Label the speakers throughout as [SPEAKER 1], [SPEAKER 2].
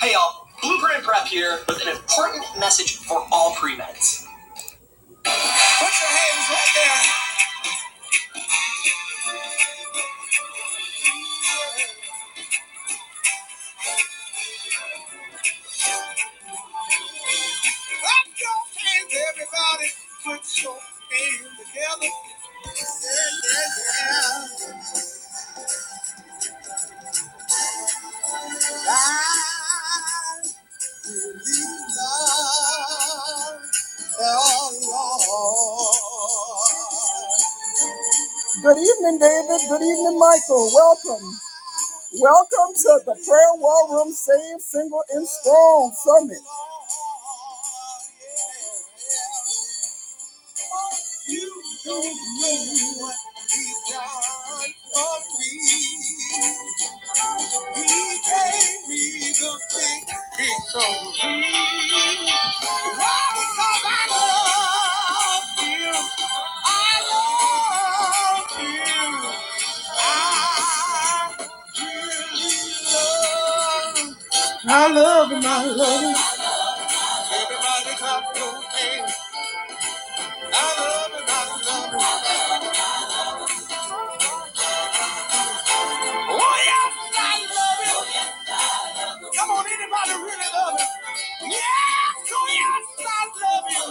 [SPEAKER 1] Hey y'all, Blueprint Prep here with an important message for all pre-meds. Put your hands right there. Clap your hands, everybody. Put your hands together. Yeah, yeah, yeah. I love the Lord. Good evening, David. Good evening, Michael. Welcome. Welcome to the Prayer War Room Save Single and Strong Summit. You don't know what he done for me. He gave me the big, big soul. Why? Because I love you. I love you. I really love you. love and I love it. Everybody clap your hands. I love it, I love it. Oh yes, I love it. Come on, anybody really love it? Yes, oh yes, I love you.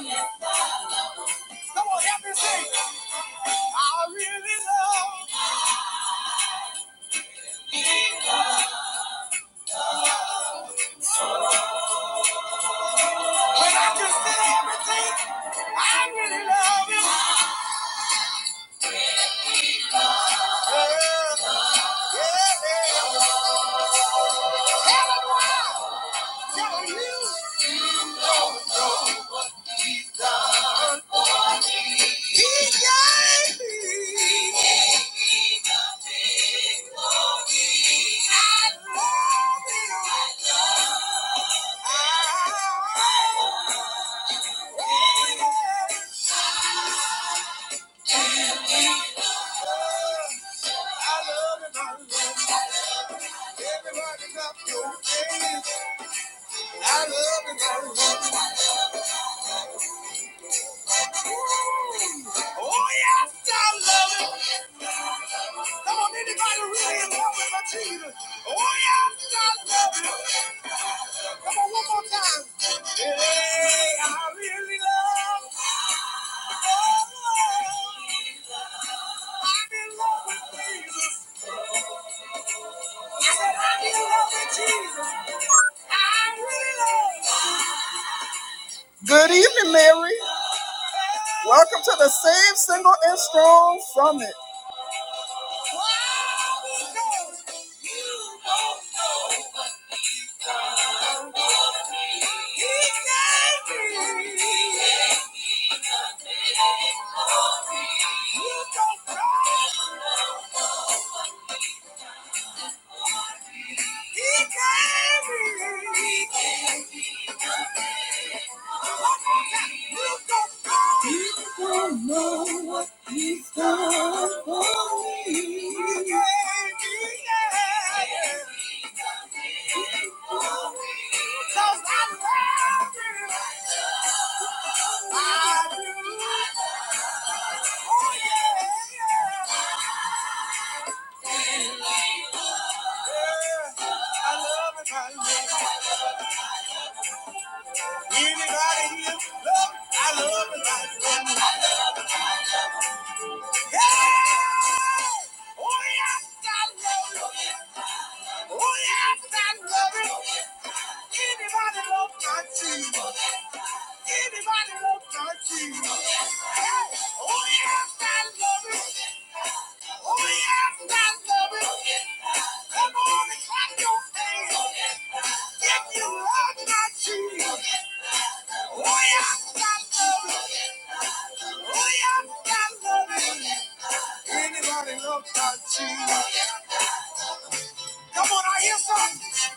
[SPEAKER 1] Come on, help me sing. I really love it. when I consider everything. I really love it. Yeah, yeah, yeah. And I'm not telling you. Everybody clap your hands. I love him. I love him. Oh, yes, I love it. Come on, anybody really in love with my Jesus? Oh, yes, I love it. Come on, one more time. Hey, I really love Oh, I'm in love with Jesus. I said, I'm in love with Jesus. I really love Good evening, Mary. Welcome to the Save Single and Strong Summit. You don't know. You don't know what he's done for me. Cause I love you. I do. Oh, yeah. Yeah. I love it. I love it. Anybody here Look, I love? the life. I love the life. Yeah! Oh yes, I love it. Oh yes, I love it. Anybody love my cheese? Anybody love my cheese? Hey! Oh yes, I love it. Oh yes, I love it. Come on and clap your hands. If you love my cheese. Anybody look at you? Come on, I hear something.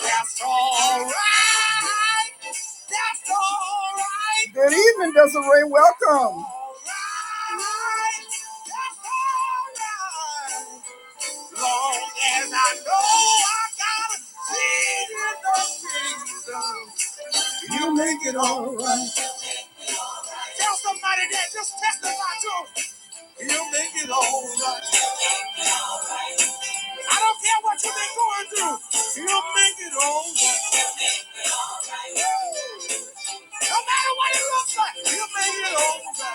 [SPEAKER 1] That's all right. That's all right. Good evening, Desiree. Welcome. All right. That's all right. Long as I know I got a seed in the seed. Tell somebody that just testify to 'em. I don't care what you've been going through. No matter what it looks like, you made it over.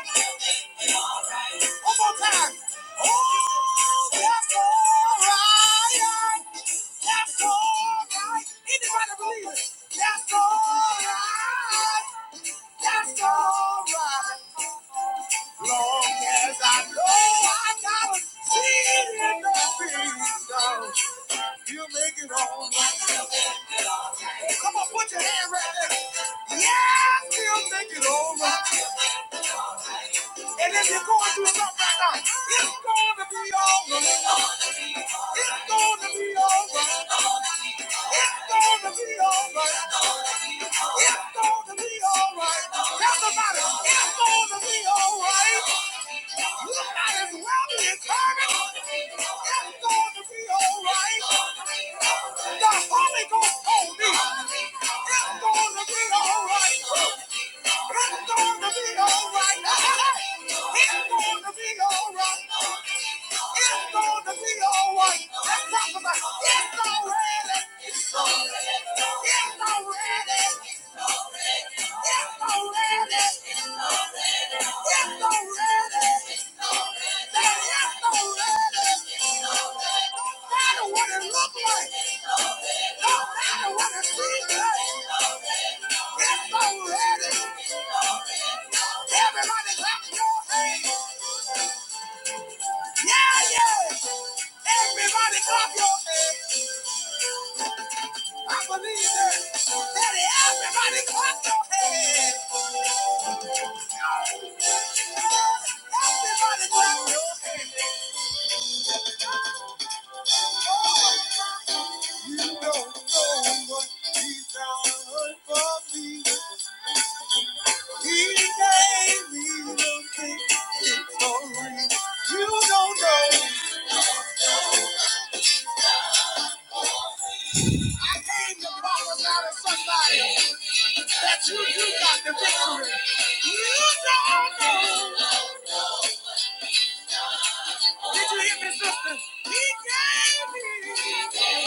[SPEAKER 1] One more time. Oh, that's alright. That's alright. Anybody believe it? That's alright. That's alright long as I know I got a seed in the kingdom, he'll make it all right. Come on, put your hand right there. Yeah, he make it all right. And if you're going through something right now, it's going to be all right. It's going to be all right. It's going to be all right. It's going to be all right. Everybody, it's going to be all right. You're not as well determined. That's going to be all right. The Holy Ghost told me it's going to be all right. It's going to be all right. It's going to be all right. It's going to be all right. That's right. It's already. Everybody clap your hands. I believe that. Daddy, everybody clap your hands. Everybody clap your hands. You don't know what he's done for me. He gave me the victory. You don't know. I came to promise out of somebody that you, you got the victory. You don't know. Did you hear me, sisters? He gave me.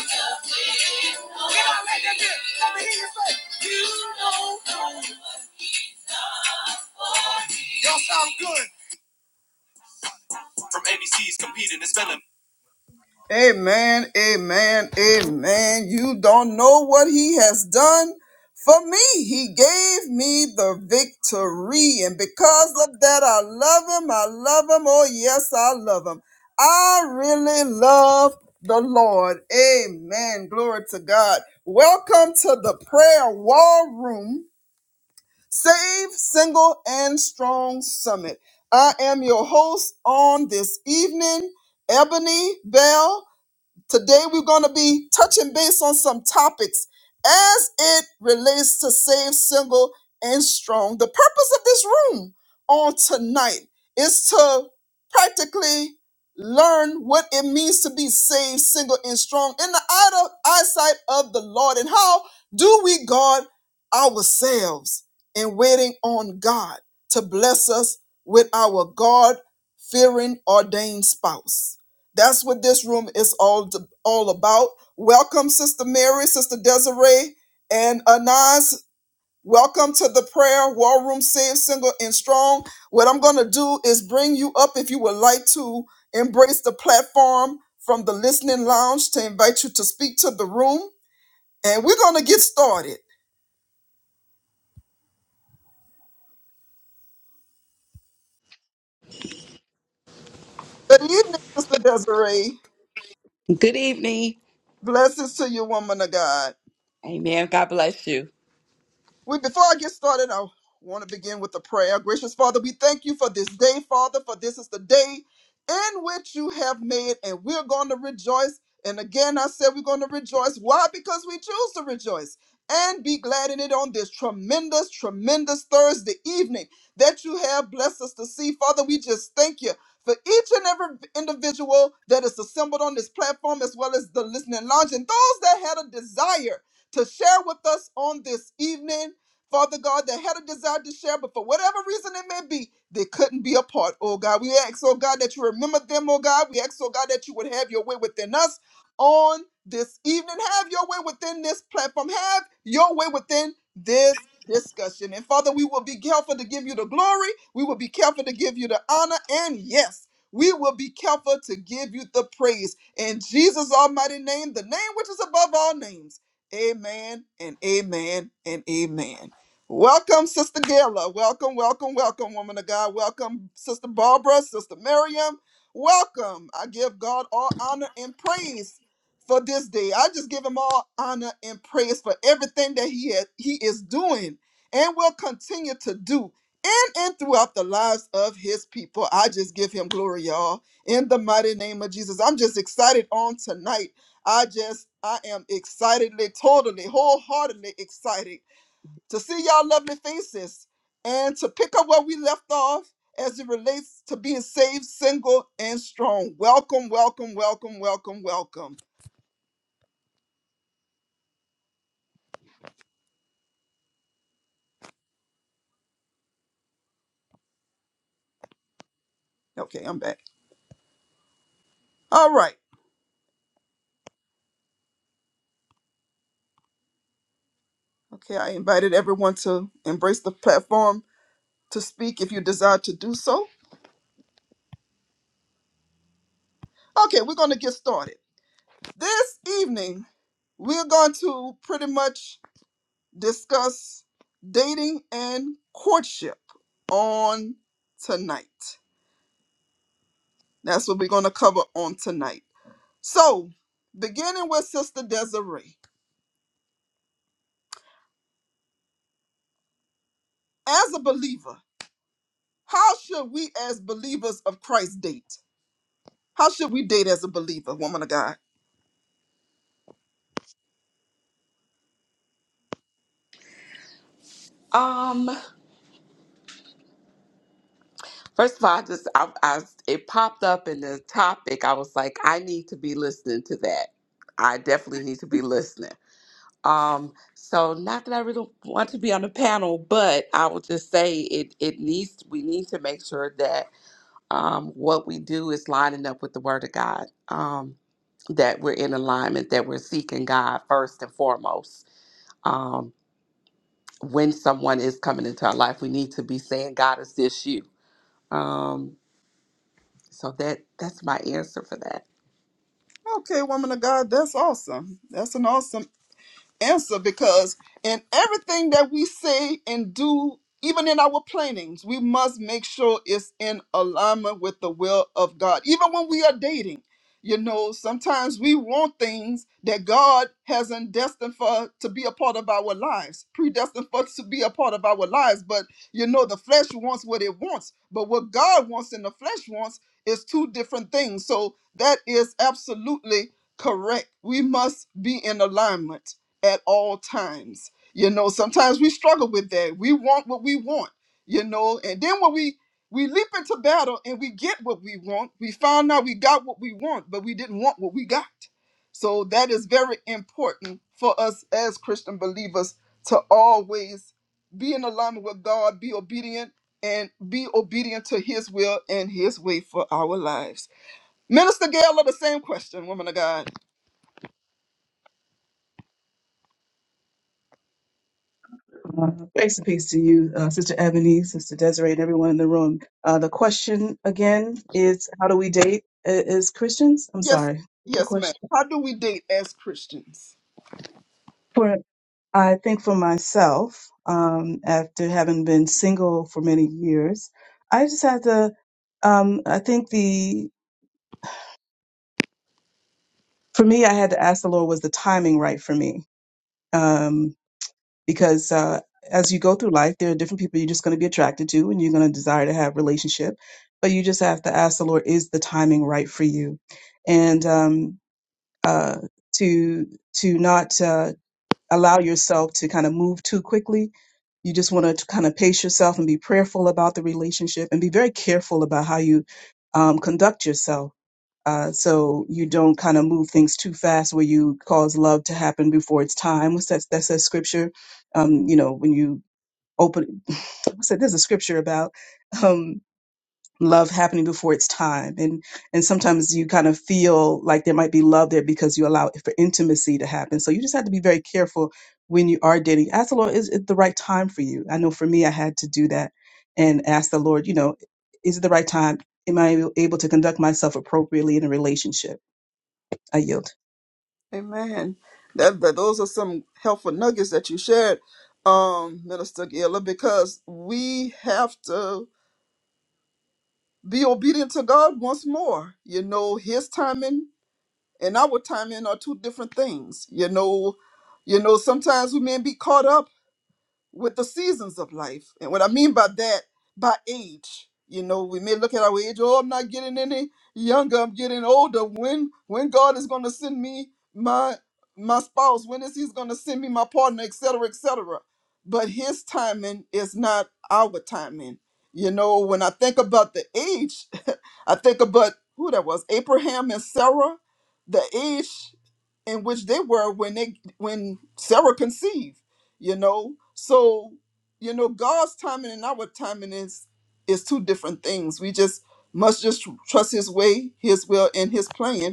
[SPEAKER 1] Can I let that get? Let me hear you say, you don't know. Y'all sound good. From ABC's competing, it's been a Amen, amen, amen. You don't know what he has done for me. He gave me the victory. And because of that, I love him. I love him. Oh, yes, I love him. I really love the Lord. Amen. Glory to God. Welcome to the prayer war room. Save, single, and strong summit. I am your host on this evening, Ebony Bell. Today we're going to be touching base on some topics as it relates to Save Single and Strong. The purpose of this room on tonight is to practically learn what it means to be saved, single, and strong in the eye- eyesight of the Lord. And how do we guard ourselves in waiting on God to bless us with our God fearing ordained spouse? That's what this room is all all about. Welcome, Sister Mary, Sister Desiree, and Anaz. Welcome to the prayer war room, safe, single, and strong. What I'm going to do is bring you up if you would like to embrace the platform from the listening lounge to invite you to speak to the room, and we're going to get started. Good evening, Sister Desiree.
[SPEAKER 2] Good evening.
[SPEAKER 1] Blessings to you, woman of God.
[SPEAKER 2] Amen. God bless you.
[SPEAKER 1] We, before I get started, I want to begin with a prayer. Gracious Father, we thank you for this day, Father, for this is the day in which you have made, and we're going to rejoice. And again, I said we're going to rejoice. Why? Because we choose to rejoice and be glad in it on this tremendous, tremendous Thursday evening that you have blessed us to see. Father, we just thank you for each and every individual that is assembled on this platform, as well as the listening lounge, and those that had a desire to share with us on this evening. Father God, that had a desire to share, but for whatever reason it may be, they couldn't be a part. Oh God, we ask, oh God, that you remember them, oh God. We ask, oh God, that you would have your way within us on this evening. Have your way within this platform. Have your way within this discussion. And Father, we will be careful to give you the glory. We will be careful to give you the honor. And yes, we will be careful to give you the praise. In Jesus' almighty name, the name which is above all names. Amen and amen and amen. Welcome, Sister Gayla. Welcome, welcome, welcome, woman of God. Welcome, Sister Barbara, Sister Miriam. Welcome. I give God all honor and praise for this day. I just give him all honor and praise for everything that he has, he is doing and will continue to do in and throughout the lives of his people. I just give him glory, y'all. In the mighty name of Jesus. I'm just excited on tonight. I just I am excitedly, totally, wholeheartedly excited to see y'all lovely faces and to pick up where we left off as it relates to being saved, single, and strong. Welcome, welcome, welcome, welcome, welcome. Okay, I'm back. All right. Okay, I invited everyone to embrace the platform to speak if you desire to do so. Okay, we're going to get started. This evening, we're going to pretty much discuss dating and courtship on tonight. That's what we're going to cover on tonight. So, beginning with Sister Desiree, as a believer, how should we as believers of Christ date? How should we date as a believer, woman of God?
[SPEAKER 2] Um, first of all, I just I, I it popped up in the topic. I was like, I need to be listening to that. I definitely need to be listening. Um, so not that I really want to be on the panel, but I will just say it it needs we need to make sure that um what we do is lining up with the word of God. Um that we're in alignment, that we're seeking God first and foremost. Um, when someone is coming into our life, we need to be saying, God, is this you? Um, so that that's my answer for that.
[SPEAKER 1] Okay, woman of God, that's awesome. That's an awesome answer because in everything that we say and do, even in our plannings, we must make sure it's in alignment with the will of God. Even when we are dating, you know, sometimes we want things that God hasn't destined for to be a part of our lives, predestined for to be a part of our lives. But you know, the flesh wants what it wants, but what God wants and the flesh wants is two different things. So that is absolutely correct. We must be in alignment at all times. You know, sometimes we struggle with that. We want what we want, you know, and then when we we leap into battle and we get what we want, we found out we got what we want, but we didn't want what we got. So that is very important for us as Christian believers to always be in alignment with God, be obedient, and be obedient to His will and His way for our lives. Minister Gail, the same question, woman of God.
[SPEAKER 3] Uh, Grace and peace to you, uh, Sister Ebony, Sister Desiree, and everyone in the room. Uh, the question again is, how do we date a- as Christians? I'm
[SPEAKER 1] Yes,
[SPEAKER 3] sorry, what's the
[SPEAKER 1] yes, ma'am.
[SPEAKER 3] question.
[SPEAKER 1] How do we date as Christians?
[SPEAKER 3] For I think for myself, um, after having been single for many years, I just had to. Um, I think the for me, I had to ask the Lord, was the timing right for me? Um, because uh, as you go through life, there are different people you're just going to be attracted to and you're going to desire to have relationship. But you just have to ask the Lord, is the timing right for you? And um, uh, to to not uh, allow yourself to kind of move too quickly. You just want to kind of pace yourself and be prayerful about the relationship and be very careful about how you um, conduct yourself uh, so you don't kind of move things too fast where you cause love to happen before its time. What's that? That says scripture. Um, you know, when you open, what's that? There's a scripture about. Um, love happening before its time and and sometimes you kind of feel like there might be love there because you allow for intimacy to happen so you just have to be very careful when you are dating ask the lord is it the right time for you i know for me i had to do that and ask the lord you know is it the right time am i able to conduct myself appropriately in a relationship i yield
[SPEAKER 1] Amen. That, that those are some helpful nuggets that you shared, um, Minister Gila, because we have to be obedient to God once more. You know, His timing and our timing are two different things. You know, you know, sometimes we may be caught up. with the seasons of life. And what I mean by that, by age, you know, we may look at our age, oh, I'm not getting any younger, I'm getting older. When when God is gonna send me my my spouse, when is he's gonna send me my partner, et cetera, et cetera. But his timing is not our timing. You know, when I think about the age, I think about who that was, Abraham and Sarah, the age in which they were when they when Sarah conceived, you know. So, you know, God's timing and our timing is is two different things. We just must just trust his way, his will, and his plan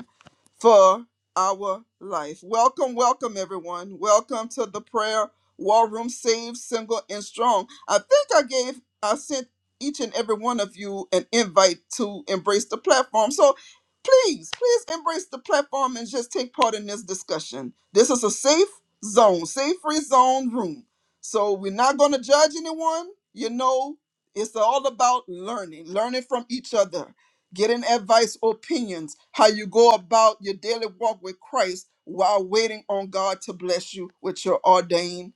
[SPEAKER 1] for our life. Welcome, welcome, everyone. Welcome to the prayer war room, saved, single, and strong. I think I gave, I sent each and every one of you an invite to embrace the platform. So please, please embrace the platform and just take part in this discussion. This is a safe zone, safe free zone room. So we're not going to judge anyone. You know, it's all about learning, learning from each other getting advice, opinions, how you go about your daily walk with Christ while waiting on God to bless you with your ordained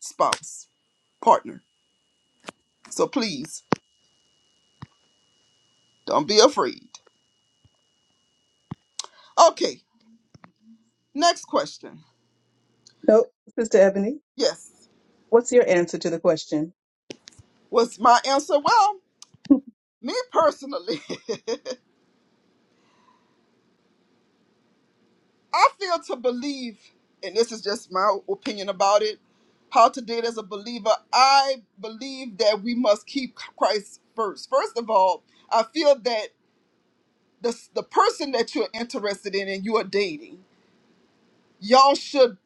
[SPEAKER 1] spouse, partner. So please don't be afraid. Okay, next question.
[SPEAKER 3] no sister ebony
[SPEAKER 1] Yes,
[SPEAKER 3] what's your answer to the question
[SPEAKER 1] was my answer. Well, me personally, I feel to believe, and this is just my opinion about it, how to date as a believer. I believe that we must keep Christ first. First of all, I feel that. the the person that you're interested in and you are dating, y'all should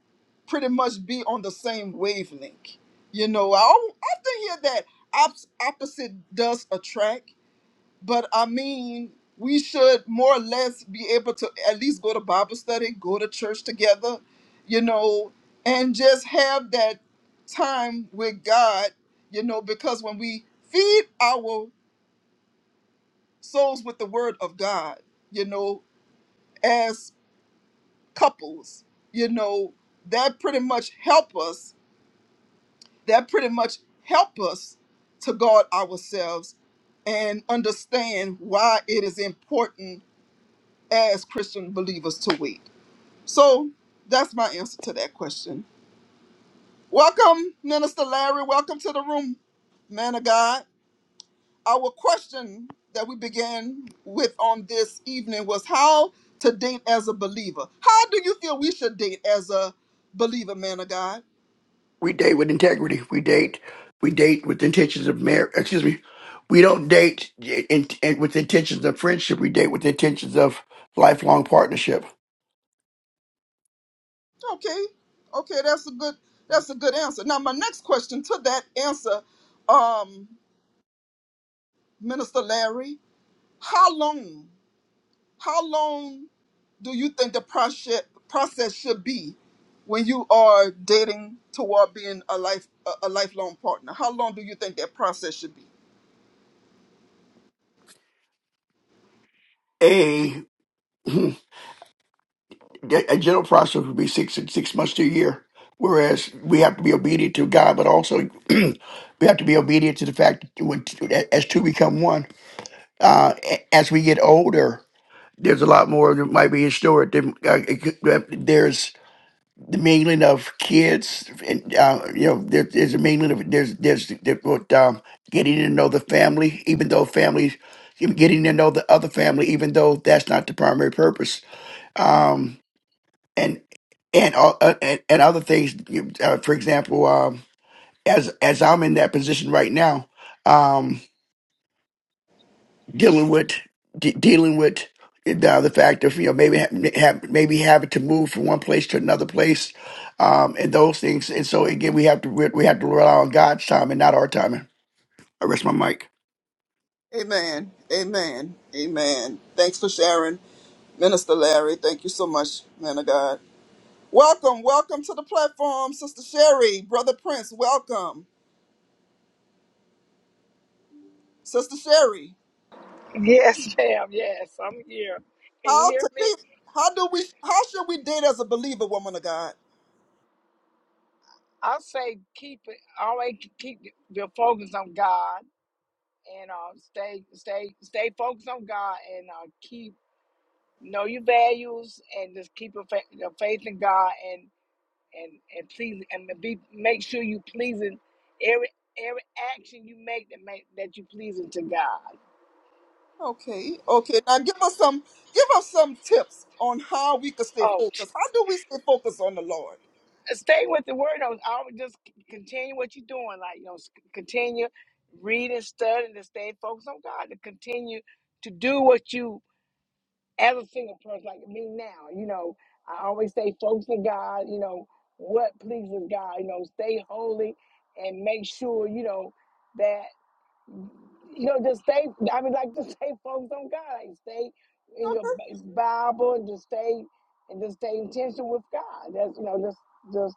[SPEAKER 1] pretty much be on the same wavelength. You know, I al- often hear that op- opposite does attract, but I mean, we should more or less be able to at least go to Bible study, go to church together, you know, and just have that time with God, you know, because when we feed our souls with the word of God, you know, as couples you know that pretty much help us that pretty much help us to guard ourselves and understand why it is important as christian believers to wait so that's my answer to that question welcome minister larry welcome to the room man of god our question that we began with on this evening was how to date as a believer how do you feel we should date as a believer man of god
[SPEAKER 4] We date with integrity. We date. We date with intentions of marriage. Excuse me. We don't date in, in, with intentions of friendship. We date with intentions of lifelong partnership.
[SPEAKER 1] Okay, okay, that's a good that's a good answer. Now, my next question to that answer, um, Minister Larry, how long how long do you think the process process should be when you are dating toward being a life a, a lifelong partner? How long do you think that process should be?
[SPEAKER 4] A a general process would be six six months to a year. Whereas we have to be obedient to God, but also we have to be obedient to the fact that when, as two become one. Uh, a- as we get older, there's a lot more that might be in store. There- uh, it could- uh, There's the mingling of kids, and uh, you know, there, there's a mingling of there's there's there, what, um, getting to know the family, even though families getting to know the other family, even though that's not the primary purpose. Um, and and all- uh, and, and other things, you- uh, for example, um, as as I'm in that position right now. Um, dealing with de- dealing with the, the fact of you know maybe ha- have, maybe having to move from one place to another place, um, and those things. And so again, we have to re- we have to rely on God's time and not our timing. I rest my mic.
[SPEAKER 1] Amen, amen, amen. Thanks for sharing, Minister Larry. Thank you so much, man of God. Welcome, welcome to the platform, Sister Sherry, Brother Prince. Welcome, Sister Sherry.
[SPEAKER 5] Yes, ma'am. Yes, I'm here. Can you
[SPEAKER 1] How
[SPEAKER 5] hear
[SPEAKER 1] to
[SPEAKER 5] me?
[SPEAKER 1] date? How do we? How should we date as a believer, woman of God?
[SPEAKER 5] I say keep it. Always keep your focus on God and uh, stay, stay, stay focused on God and uh, keep know your values and just keep your, fa- your faith in God and and and please and be make sure you pleasing every every action you make that make that you pleasing to God.
[SPEAKER 1] Okay, okay. Now give us some, give us some tips on how we can stay focused. How do we stay focused on the Lord?
[SPEAKER 5] stay with the word. I was always just c- continue what you're doing. Like, you know, s- continue reading, studying, to stay focused on God, to continue to do what you, as a single person, like me now, you know, I always stay focused on God, you know, what pleases God, you know, stay holy and make sure, you know, that you know, just stay. I mean, like just stay focused on God. Like stay in your Bi- Bible and just stay and just stay intentional with God. That's you know, just just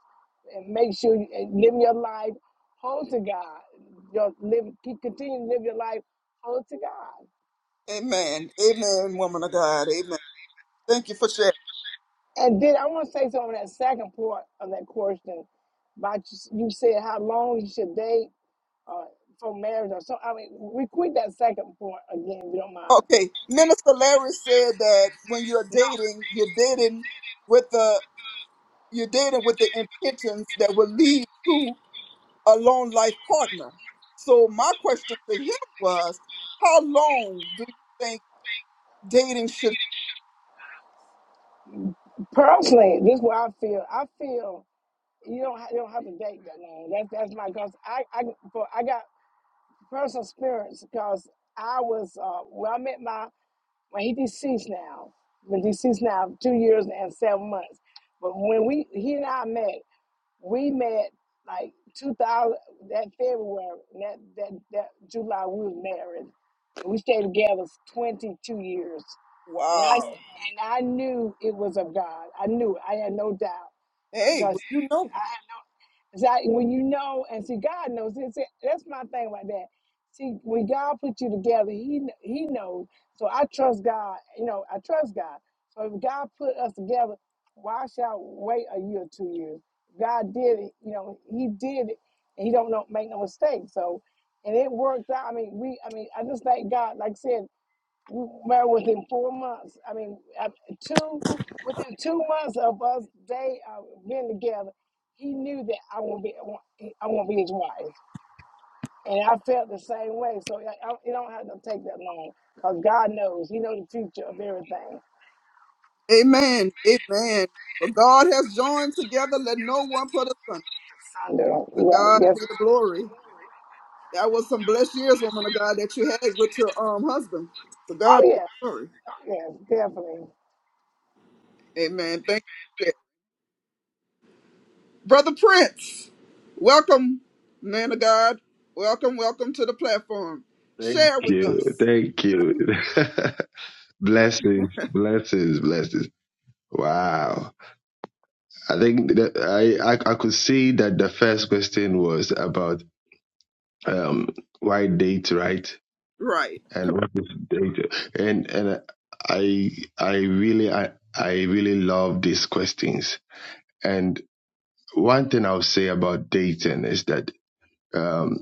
[SPEAKER 5] and make sure you and live your life whole to God. Just live keep continue to live your life whole to God.
[SPEAKER 1] Amen, amen, woman of God. Amen. Thank you for sharing.
[SPEAKER 5] And then I want to say something on that second part of that question about you you said how long you should date uh, for marriage or so. I mean, repeat that second part again, if you don't mind.
[SPEAKER 1] Okay, Minister Larry said that when you're dating, you're dating with the you're dating with the intentions that will lead to a long life partner. So my question to him was, how long do you think dating should?
[SPEAKER 5] Personally, this is what I feel. I feel you don't ha- you don't have to date that long. That that's my cause. I I for I got personal experience because I was uh, when I met my when he deceased now. Been deceased now two years and seven months. But when we he and I met, we met like two thousand that February and that that that July we was married, and we stayed together twenty two years. And I
[SPEAKER 1] Wow.
[SPEAKER 5] and I knew it was of God. I knew it. I had no doubt
[SPEAKER 1] Hey,
[SPEAKER 5] because
[SPEAKER 1] well, you know.
[SPEAKER 5] I, so when you know, and see, God knows. It's, that's my thing about that. See, when God put you together, He kn- He knows. So I trust God. You know, I trust God. So if God put us together, why should I wait a year, or two years? God did it. You know, He did it, and He don't know, make no mistake. So, and it worked out. I mean, we. I mean, I just thank God. Like I said, well, within four months, I mean, af- two, within two months of us they uh, being together, he knew that I won't be, I won't be his wife, and I felt the same way. So I, I, it don't have to take that long, cause God knows, He knows the future of everything.
[SPEAKER 1] Amen. Amen. For God has joined together. Let no one put asunder.
[SPEAKER 5] Sandra,
[SPEAKER 1] To
[SPEAKER 5] right?
[SPEAKER 1] God
[SPEAKER 5] Yes.
[SPEAKER 1] be the glory. That was some blessed years, woman of God, that you had with your um husband. To
[SPEAKER 5] Oh
[SPEAKER 1] God be the
[SPEAKER 5] yes.
[SPEAKER 1] glory.
[SPEAKER 5] Oh, yes. Definitely.
[SPEAKER 1] Amen. Thank you, brother Prince. Welcome, man of God. Welcome, welcome to the platform.
[SPEAKER 6] Thank
[SPEAKER 1] Share with
[SPEAKER 6] you.
[SPEAKER 1] us.
[SPEAKER 6] Thank you. blessings, blessings, blessings. Wow. I think that I, I I could see that the first question was about um why date, right?
[SPEAKER 1] Right.
[SPEAKER 6] And what is date? And and I I really I I really love these questions. And one thing I'll say about dating is that um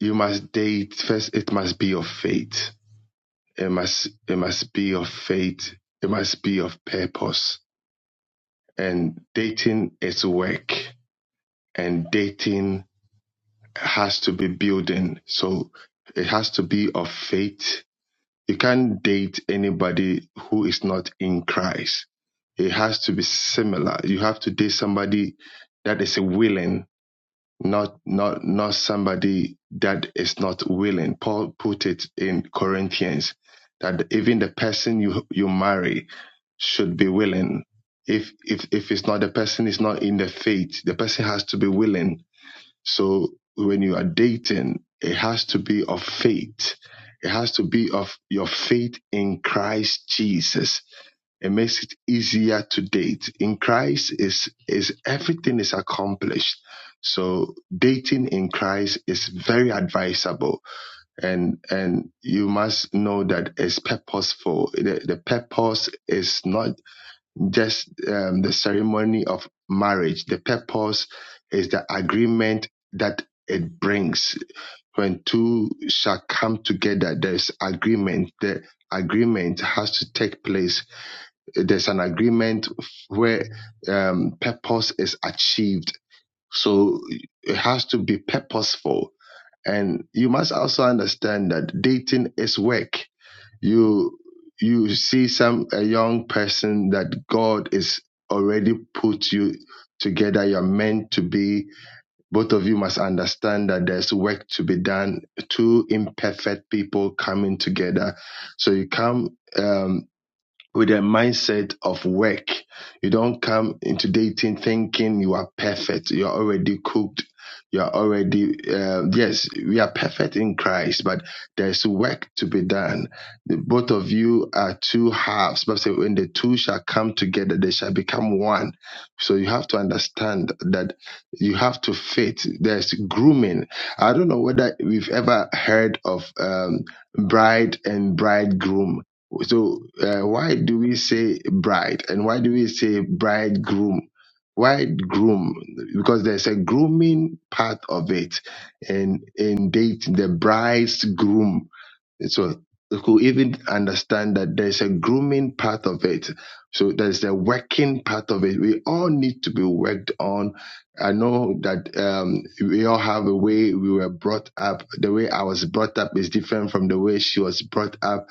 [SPEAKER 6] you must date first it must be your faith It must it must be of faith. It must be of purpose. And dating is work. And dating has to be building. So it has to be of faith. You can't date anybody who is not in Christ. It has to be similar. You have to date somebody that is willing not not not somebody that is not willing. Paul put it in Corinthians that even the person you you marry should be willing. If if if it's not the person is not in the faith, the person has to be willing so when you are dating, it has to be of faith. It has to be of your faith in Christ Jesus. It makes it easier to date. In Christ is is everything is accomplished. So dating in Christ is very advisable and and you must know that it's purposeful. The, the purpose is not just um, the ceremony of marriage. The purpose is the agreement that it brings. When two shall come together, there's agreement. The agreement has to take place. There's an agreement where um, purpose is achieved. So it has to be purposeful. And you must also understand that dating is work you you see some a young person that God is already put you together. You're meant to be. Both of you must understand that there's work to be done. Two imperfect people coming together. So you come. Um, with a mindset of work. You don't come into dating thinking you are perfect. You are already cooked. You are already, uh, yes, we are perfect in Christ, but there's work to be done. The both of you are two halves, but say when the two shall come together, they shall become one. So you have to understand that you have to fit. There's grooming. I don't know whether we've ever heard of um, bride and bridegroom so uh, why do we say bride and why do we say bridegroom? Why groom? Because there's a grooming part of it, and in dating the bride's groom. So you could even understand that there's a grooming part of it. So there's a working part of it. We all need to be worked on. I know that um, we all have a way we were brought up. The way I was brought up is different from the way she was brought up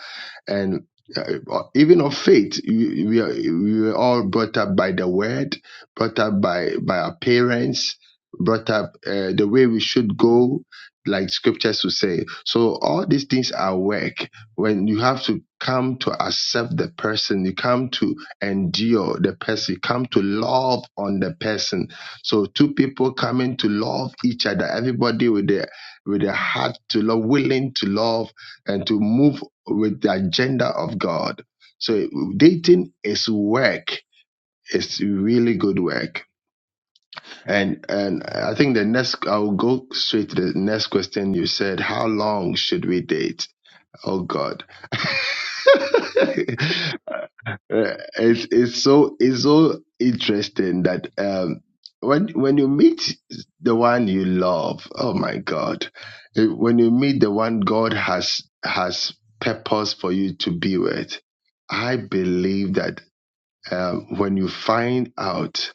[SPEAKER 6] and uh, uh, even of faith we, we, are, we were all brought up by the word brought up by by our parents brought up uh, the way we should go like scriptures would say so all these things are work when you have to come to accept the person you come to endure the person you come to love on the person so two people coming to love each other everybody with their with their heart to love willing to love and to move with the agenda of God. So dating is work. It's really good work. And and I think the next I'll go straight to the next question you said, how long should we date? Oh God. Uh, it's it's so it's so interesting that um when when you meet the one you love, oh my God, Eh, when you meet the one God has has purpose for you to be with, I believe that um, when you find out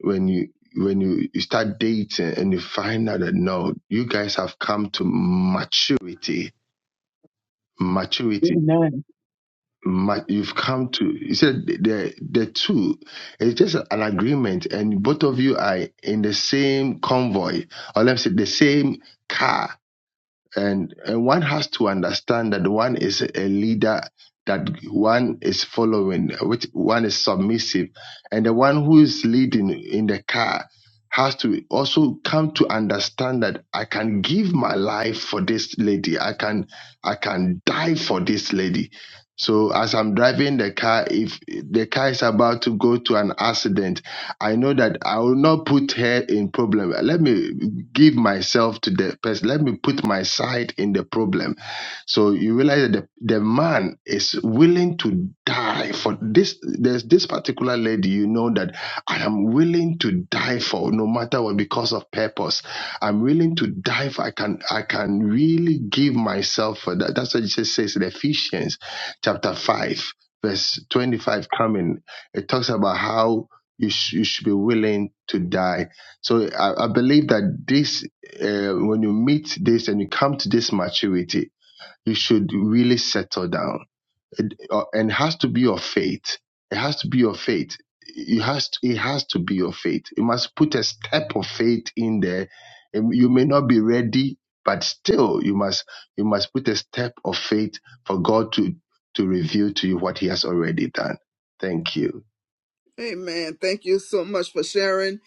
[SPEAKER 6] when you when you, you start dating and you find out that no, you guys have come to maturity, maturity
[SPEAKER 3] Amen.
[SPEAKER 6] might you've come to he said the the two it's just an agreement and both of you are in the same convoy or let's say the same car and and one has to understand that one is a leader that one is following which one is submissive and the one who is leading in the car has to also come to understand that I can give my life for this lady. I can I can die for this lady. So as I'm driving the car, if the car is about to go to an accident, I know that I will not put her in problem. Let me give myself to the person. Let me put my side in the problem. So you realize that the, the man is willing to die for this there's this particular lady you know that i am willing to die for no matter what because of purpose i'm willing to die for i can i can really give myself for that that's what jesus says in ephesians chapter 5 verse 25 coming it talks about how you, sh- you should be willing to die so i, I believe that this uh, when you meet this and you come to this maturity you should really settle down it, uh, and has to be your faith. It has to be your faith. It has to, it has to be your faith. You must put a step of faith in there. And You may not be ready, but still you must you must put a step of faith for God to to reveal to you what He has already done. Thank you.
[SPEAKER 1] Amen. Thank you so much for sharing.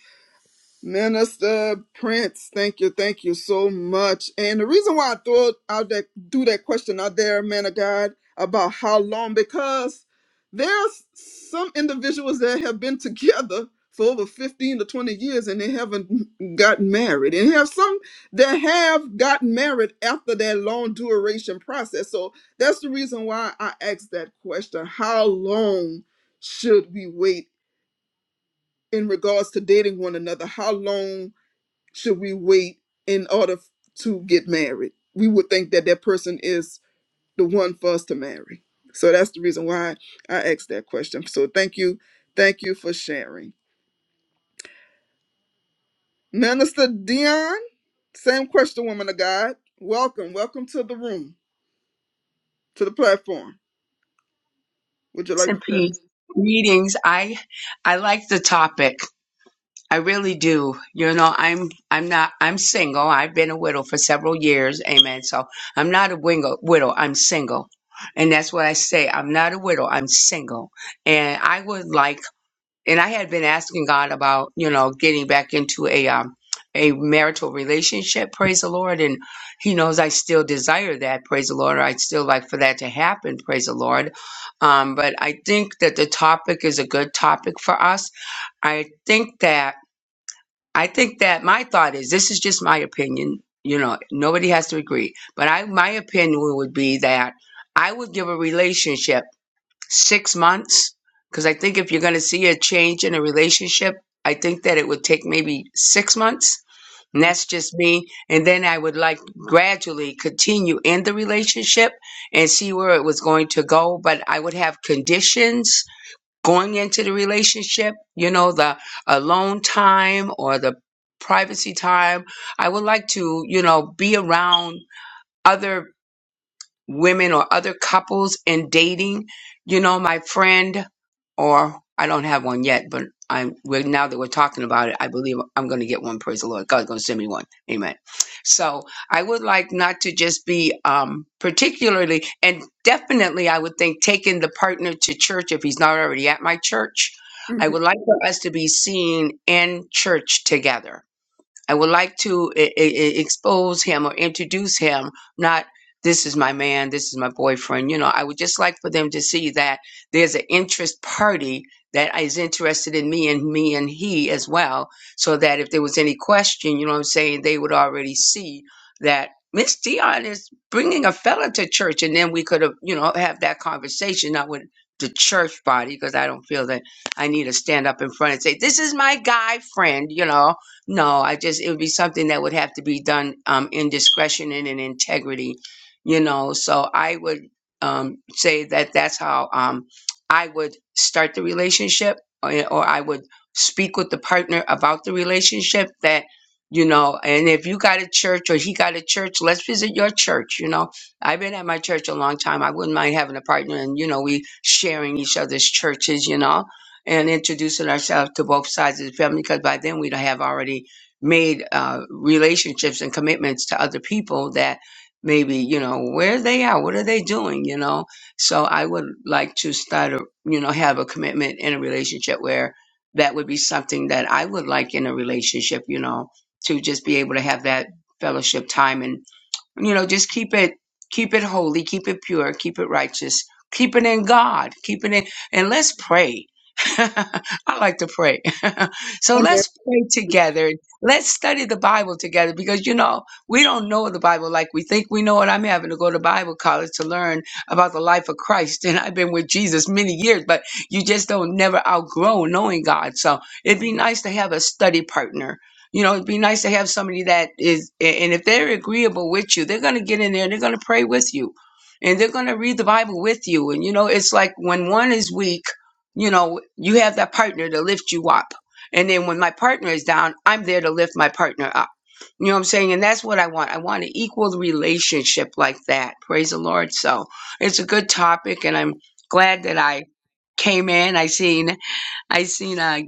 [SPEAKER 1] Minister Prince, thank you, thank you so much. And the reason why I throw out that do that question out there, man of God, about how long, because there's some individuals that have been together for over 15 to 20 years and they haven't gotten married. And you have some that have gotten married after that long duration process. So that's the reason why I asked that question. How long should we wait in regards to dating one another? How long should we wait in order to get married? We would think that that person is the one for us to marry. So that's the reason why I asked that question. So thank you. Thank you for sharing. Minister Dion, same question, woman of God. Welcome. Welcome to the room, to the platform. Would you
[SPEAKER 7] Grace
[SPEAKER 1] like
[SPEAKER 7] and
[SPEAKER 1] to share?
[SPEAKER 7] peace. Greetings. I I like the topic. I really do. You know, I'm I'm not I'm single. I've been a widow for several years. Amen. So I'm not a wingo, widow. I'm single. And that's what I say. I'm not a widow. I'm single. And I would like and I had been asking God about, you know, getting back into a um, a marital relationship, praise the Lord, and He knows I still desire that, praise the Lord. I'd still like for that to happen, praise the Lord. Um, but I think that the topic is a good topic for us. I think that I think that my thought is this is just my opinion. You know, nobody has to agree, but I my opinion would be that I would give a relationship six months because I think if you're going to see a change in a relationship, I think that it would take maybe six months. And that's just me. And then I would like gradually continue in the relationship and see where it was going to go. But I would have conditions going into the relationship, you know, the alone time or the privacy time. I would like to, you know, be around other women or other couples in dating. You know, my friend, or I don't have one yet, but I'm we're, now that we're talking about it, I believe I'm going to get one. Praise the Lord, God's going to send me one. Amen. So I would like not to just be um, particularly, and definitely, I would think taking the partner to church if he's not already at my church. I would like for us to be seen in church together I would like to e- e- e- expose him or introduce him, not this is my man, this is my boyfriend. You know, I would just like for them to see that there's an interest party that is interested in me and me and he as well, so that if there was any question, you know what I'm saying, they would already see that Miss Dion is bringing a fella to church, and then we could have, you know, have that conversation, not with the church body, because I don't feel that I need to stand up in front and say, this is my guy friend, you know no, I just it would be something that would have to be done um, in discretion and in integrity, you know. So I would um, say that that's how um, I would start the relationship, or, or I would speak with the partner about the relationship. That you know, and if you got a church or he got a church, let's visit your church. You know, I've been at my church a long time. I wouldn't mind having a partner, and you know, we sharing each other's churches. You know, and introducing ourselves to both sides of the family because by then we'd have already made uh, relationships and commitments to other people that maybe you know where they are what are they doing you know so i would like to start a you know have a commitment in a relationship where that would be something that i would like in a relationship you know to just be able to have that fellowship time and. You know, just keep it keep it holy, keep it pure, keep it righteous, keep it in God, keep it in and let's pray. I like to pray. so
[SPEAKER 1] Amen.
[SPEAKER 7] let's pray together. Let's study the Bible together because you know, we don't know the Bible like we think we know it. I'm having to go to Bible college to learn about the life of Christ. And I've been with Jesus many years, but you just don't never outgrow knowing God. So it'd be nice to have a study partner you know, it'd be nice to have somebody that is, and if they're agreeable with you, they're going to get in there and they're going to pray with you and they're going to read the Bible with you. And, you know, it's like when one is weak, you know, you have that partner to lift you up. And then when my partner is down, I'm there to lift my partner up. You know what I'm saying? And that's what I want. I want an equal relationship like that. Praise the Lord. So it's a good topic. And I'm glad that I came in. I seen, I seen, uh,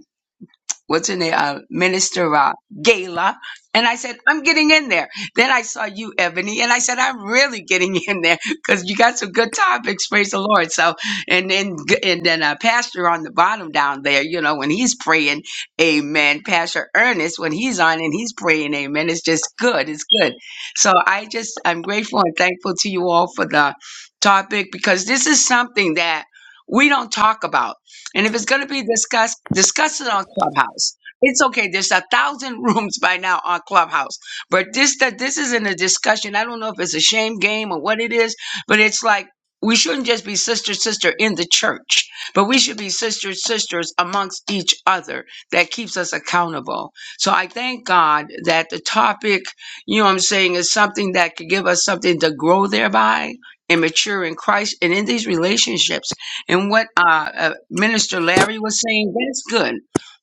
[SPEAKER 7] what's her name, uh, Minister uh, Gala. And I said, I'm getting in there. Then I saw you, Ebony, and I said, I'm really getting in there because you got some good topics. Praise the Lord. So, and then, and then uh, Pastor on the bottom down there, you know, when he's praying, amen. Pastor Ernest, when he's on and he's praying, amen. It's just good. It's good. So I just, I'm grateful and thankful to you all for the topic because this is something that we don't talk about and if it's going to be discussed, discuss it on Clubhouse. It's okay. There's a thousand rooms by now on Clubhouse, but this that this isn't a discussion. I don't know if it's a shame game or what it is, but it's like we shouldn't just be sister sister in the church, but we should be sister sisters amongst each other. That keeps us accountable. So I thank God that the topic, you know, what I'm saying, is something that could give us something to grow thereby and mature in Christ and in these relationships and what uh, uh, Minister Larry was saying, that's good.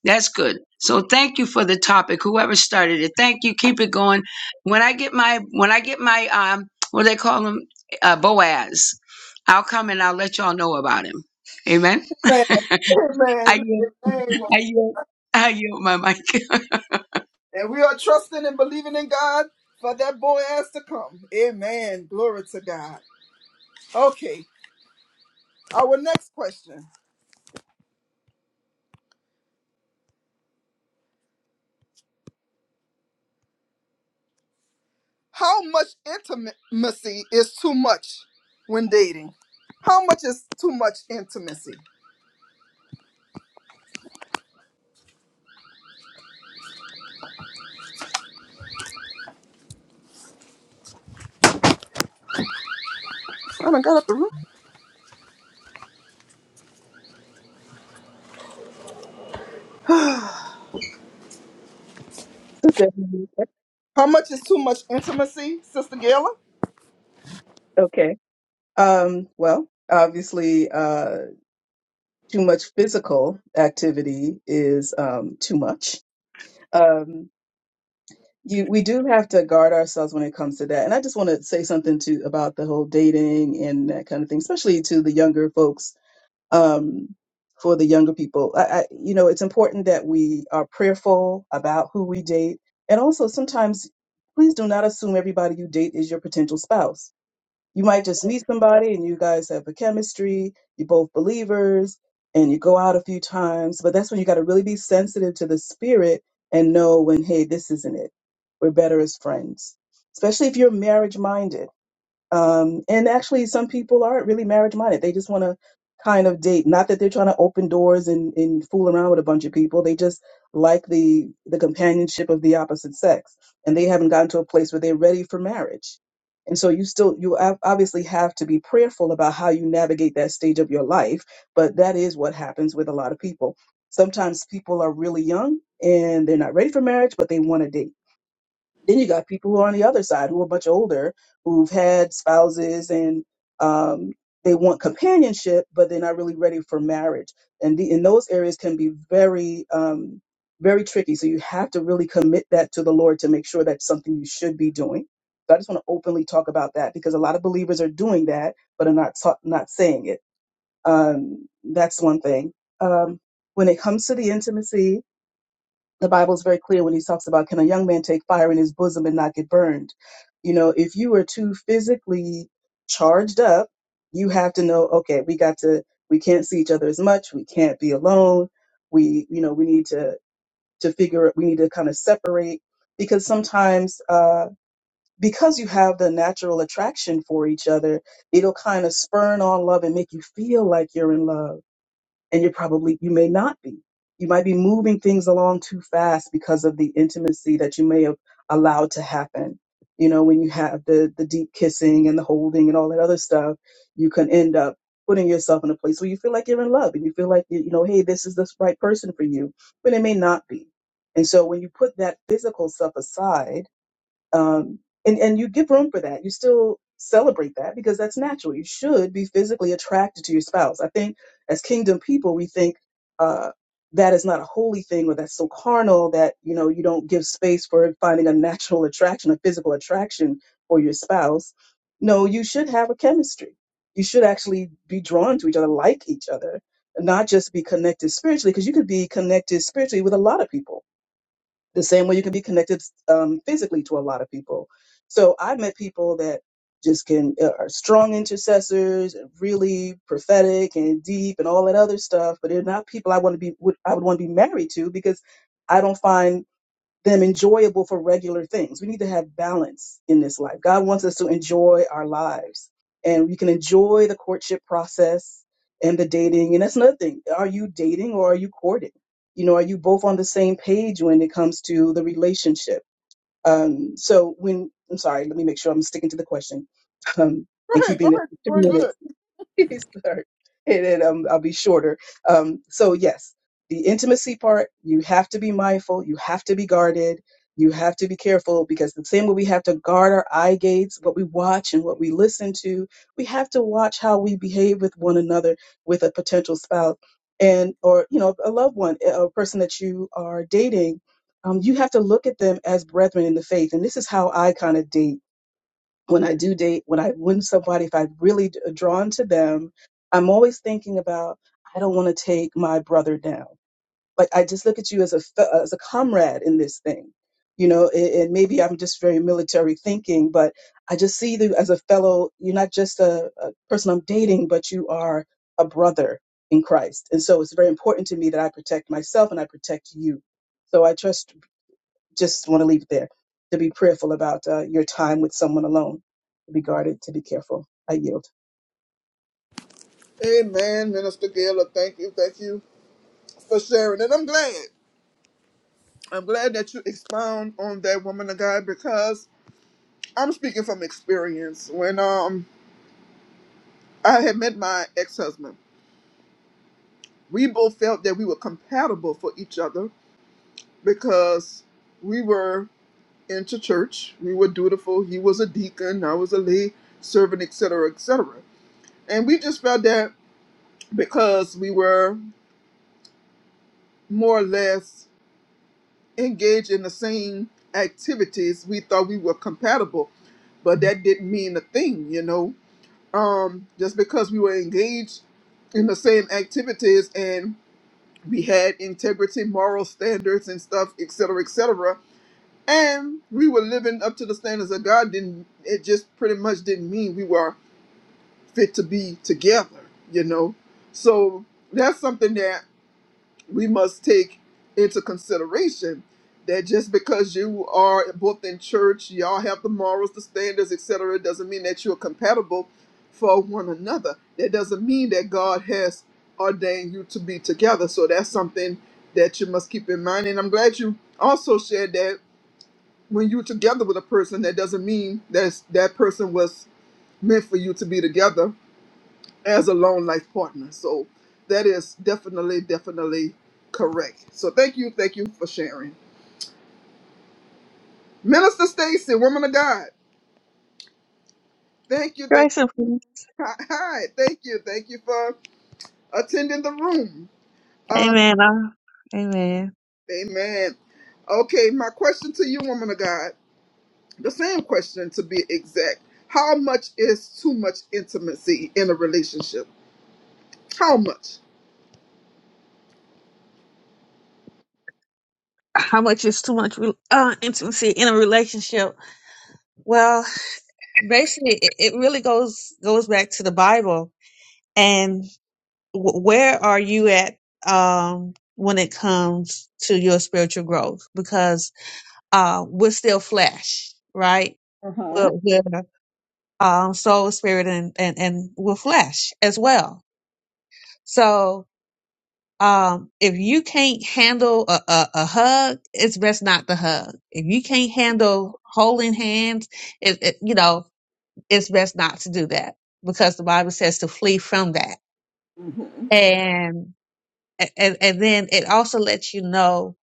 [SPEAKER 7] That's good. So thank you for the topic. Whoever started it, thank you. Keep it going. When I get my when I get my um, what do they call him, uh, Boaz, I'll come and I'll let y'all know about him. Amen. I
[SPEAKER 1] Amen.
[SPEAKER 7] yield.
[SPEAKER 1] Amen.
[SPEAKER 7] I yield. I yield my mic.
[SPEAKER 1] And we are trusting and believing in God for that boy ass to come. Amen. Glory to God. Okay. Our next question. How much intimacy is too much when dating? How much is too much intimacy? I done got up the room.
[SPEAKER 3] Sister Ebony,
[SPEAKER 1] How much is too much intimacy, Sister Gayla?
[SPEAKER 3] okay um well obviously too much physical activity is um, too much. Um, you, we do have to guard ourselves when it comes to that. And I just want to say something to about the whole dating and that kind of thing, especially to the younger folks. Um, for the younger people, I, I, you know, it's important that we are prayerful about who we date, and also sometimes, please do not assume everybody you date is your potential spouse you might just meet somebody and you guys have a chemistry, you're both believers, and you go out a few times. But that's when you got to really be sensitive to the spirit and know when, hey, this isn't it. We're better as friends, especially if you're marriage minded um, and actually, some people aren't really marriage minded. They just want to kind of date. Not that they're trying to open doors and, and fool around with a bunch of people. They just like the the companionship of the opposite sex, and they haven't gotten to a place where they're ready for marriage. And so you still you ob- obviously have to be prayerful about how you navigate that stage of your life. But that is what happens with a lot of people. Sometimes people are really young and they're not ready for marriage, but they want to date then you got people who are on the other side who are much older, who've had spouses and um, they want companionship, but they're not really ready for marriage. And the, in those areas can be very, um, very tricky. So you have to really commit that to the Lord to make sure that's something you should be doing. So I just want to openly talk about that because a lot of believers are doing that, but are not ta- not saying it. Um, that's one thing. Um, when it comes to the intimacy, the Bible is very clear when he talks about can a young man take fire in his bosom and not get burned? You know, if you are too physically charged up, you have to know, okay, we got to, we can't see each other as much. We can't be alone. We, you know, we need to, to figure, we need to kind of separate because sometimes, uh, because you have the natural attraction for each other, it'll kind of spurn on love and make you feel like you're in love and you're probably you may not be you might be moving things along too fast because of the intimacy that you may have allowed to happen you know when you have the the deep kissing and the holding and all that other stuff you can end up putting yourself in a place where you feel like you're in love and you feel like you you know hey this is the right person for you but it may not be and so when you put that physical stuff aside um, and and you give room for that. You still celebrate that because that's natural. You should be physically attracted to your spouse. I think as kingdom people, we think uh, that is not a holy thing or that's so carnal that you know you don't give space for finding a natural attraction, a physical attraction for your spouse. No, you should have a chemistry. You should actually be drawn to each other, like each other, not just be connected spiritually, because you could be connected spiritually with a lot of people the same way you can be connected um, physically to a lot of people. So I met people that just can uh, are strong intercessors, and really prophetic and deep and all that other stuff, but they're not people I want to be would I would want to be married to because I don't find them enjoyable for regular things. We need to have balance in this life. God wants us to enjoy our lives and we can enjoy the courtship process and the dating. And that's another thing. Are you dating or are you courting? You know, are you both on the same page when it comes to the relationship? Um, so when, I'm sorry, let me make sure I'm sticking to the question um,
[SPEAKER 1] Go
[SPEAKER 3] and
[SPEAKER 1] ahead, go
[SPEAKER 3] keeping it
[SPEAKER 1] ahead.
[SPEAKER 3] two
[SPEAKER 1] You're doing
[SPEAKER 3] minutes
[SPEAKER 1] good.
[SPEAKER 3] Sorry. And then um, I'll be shorter. Um, so, yes, the intimacy part, you have to be mindful, you have to be guarded, you have to be careful because the same way we have to guard our eye gates, what we watch and what we listen to, we have to watch how we behave with one another, with a potential spouse and or you know a loved one a person that you are dating um, you have to look at them as brethren in the faith and this is how i kind of date when I do date, when I win somebody, if I'm really d- drawn to them, I'm always thinking about I don't want to take my brother down. Like I just look at you as a fe- as a comrade in this thing, you know. And, and maybe I'm just very military thinking, but I just see you as a fellow. You're not just a, a person I'm dating, but you are a brother in Christ. And so it's very important to me that I protect myself and I protect you. So I trust just want to leave it there to be prayerful about uh, your time with someone alone to be guarded to be careful i yield
[SPEAKER 1] Amen, Minister Gayla. Thank you, thank you for sharing. And I'm glad. I'm glad that you expound on that woman of God because I'm speaking from experience. When um I had met my ex-husband, we both felt that we were compatible for each other because we were into church. We were dutiful. He was a deacon. I was a lay servant, etc., etc. And we just felt that because we were more or less engaged in the same activities, we thought we were compatible. But that didn't mean a thing, you know. Um, just because we were engaged in the same activities and we had integrity, moral standards, and stuff, etc., etc. And we were living up to the standards of God. Didn't it just pretty much didn't mean we were fit to be together, you know? So that's something that we must take into consideration that just because you are both in church, y'all have the morals, the standards, etc., doesn't mean that you're compatible for one another. That doesn't mean that God has ordained you to be together. So that's something that you must keep in mind. And I'm glad you also shared that when you're together with a person, that doesn't mean that that person was meant for you to be together as a lone life partner. So that is definitely, definitely correct. So thank you, thank you for sharing. Minister Stacy, woman of God, thank you, thank
[SPEAKER 8] Grace and peace.
[SPEAKER 1] hi, thank you, thank you for attending the room. Uh,
[SPEAKER 8] Amen. Uh, Amen.
[SPEAKER 1] amen. Okay, my question to you, woman of God, the same question to be exact. How much is too much intimacy in a relationship? How much?
[SPEAKER 8] How much is too much re- uh, intimacy in a relationship? Well, basically, it, it really goes goes back to the Bible and w- where are you at um, when it comes to your spiritual growth? Because uh, we're still flesh, right? We're, we're um, soul, spirit, and, and and we're flesh as well. So um, if you can't handle a, a, a hug, it's best not to hug. If you can't handle holding hands, it, it, you know, it's best not to do that because the Bible says to flee from that.
[SPEAKER 1] hmm
[SPEAKER 8] And, and, and then it also lets you know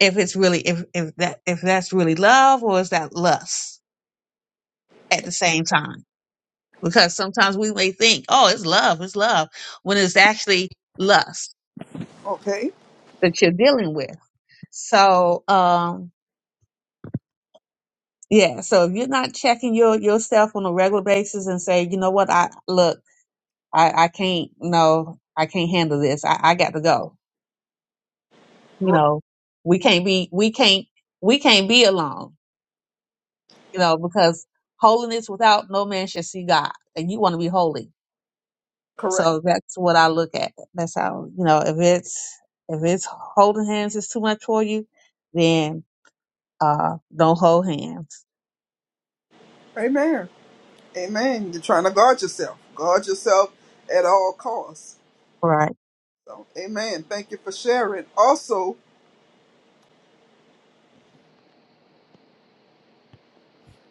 [SPEAKER 8] if it's really, if, if that, if that's really love or is that lust at the same time? Because sometimes we may think, oh, it's love, it's love, when it's actually lust
[SPEAKER 1] Okay,
[SPEAKER 8] that you're dealing with. So, um, Yeah. So if you're not checking your yourself on a regular basis and say, you know what, I look, I, I can't no, I can't handle this. I, I got to go. You
[SPEAKER 1] right,
[SPEAKER 8] know, we can't be we can't we can't be alone, you know, because holiness without no man shall see God. And you want to be holy.
[SPEAKER 1] correct.
[SPEAKER 8] So that's what I look at. That's how, you know, if it's if it's holding hands is too much for you, then uh don't hold hands.
[SPEAKER 1] Amen. Amen. You're trying to guard yourself. Guard yourself at all costs.
[SPEAKER 8] Right.
[SPEAKER 1] So, amen. Thank you for sharing. Also,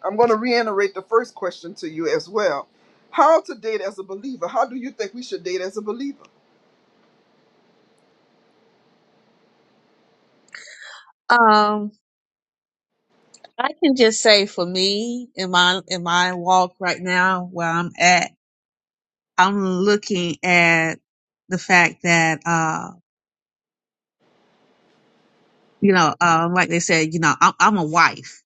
[SPEAKER 1] I'm going to reiterate the first question to you as well. How to date as a believer? How do you think we should date as a believer?
[SPEAKER 8] Um. I can just say for me in my in my walk right now where I'm at, I'm looking at the fact that uh you know uh, like they said you know I'm, I'm a wife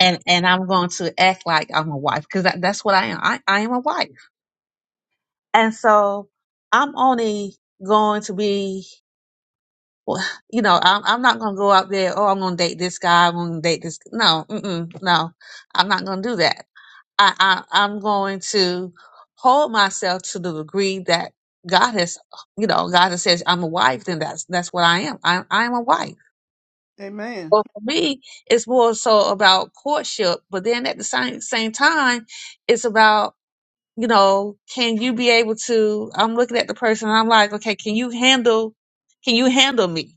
[SPEAKER 8] and and I'm going to act like I'm a wife because that, that's what I am I, I am a wife and so I'm only going to be well, you know I'm I'm not going to go out there oh I'm going to date this guy I'm going to date this no mm-mm, no I'm not going to do that I, I I'm going to hold myself to the degree that God has, you know, God has says I'm a wife, then that's that's what I am. I I'm a wife.
[SPEAKER 1] Amen.
[SPEAKER 8] But for me, it's more so about courtship. But then at the same same time, it's about you know, can you be able to? I'm looking at the person, and I'm like, okay, can you handle? Can you handle me?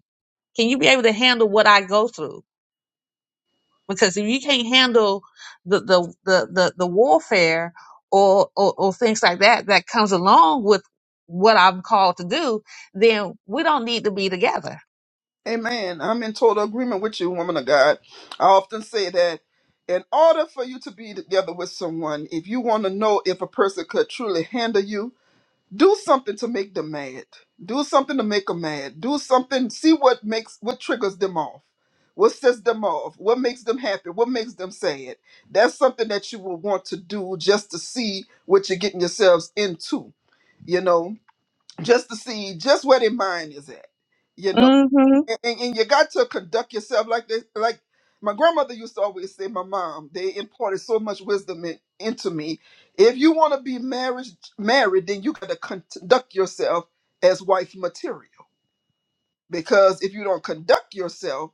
[SPEAKER 8] Can you be able to handle what I go through? because if you can't handle the the the the, the warfare or, or or things like that that comes along with what I'm called to do, then we don't need to be together.
[SPEAKER 1] Amen. I'm in total agreement with you, woman of God. I often say that in order for you to be together with someone, if you want to know if a person could truly handle you, do something to make them mad do something to make them mad do something see what makes what triggers them off what sets them off what makes them happy what makes them sad that's something that you will want to do just to see what you're getting yourselves into you know just to see just where their mind is at You know
[SPEAKER 8] hmm
[SPEAKER 1] and, and, and you got to conduct yourself like this. Like my grandmother used to always say, my mom, they imparted so much wisdom in, into me. If you want to be marriage married, then you got to conduct yourself as wife material. Because if you don't conduct yourself,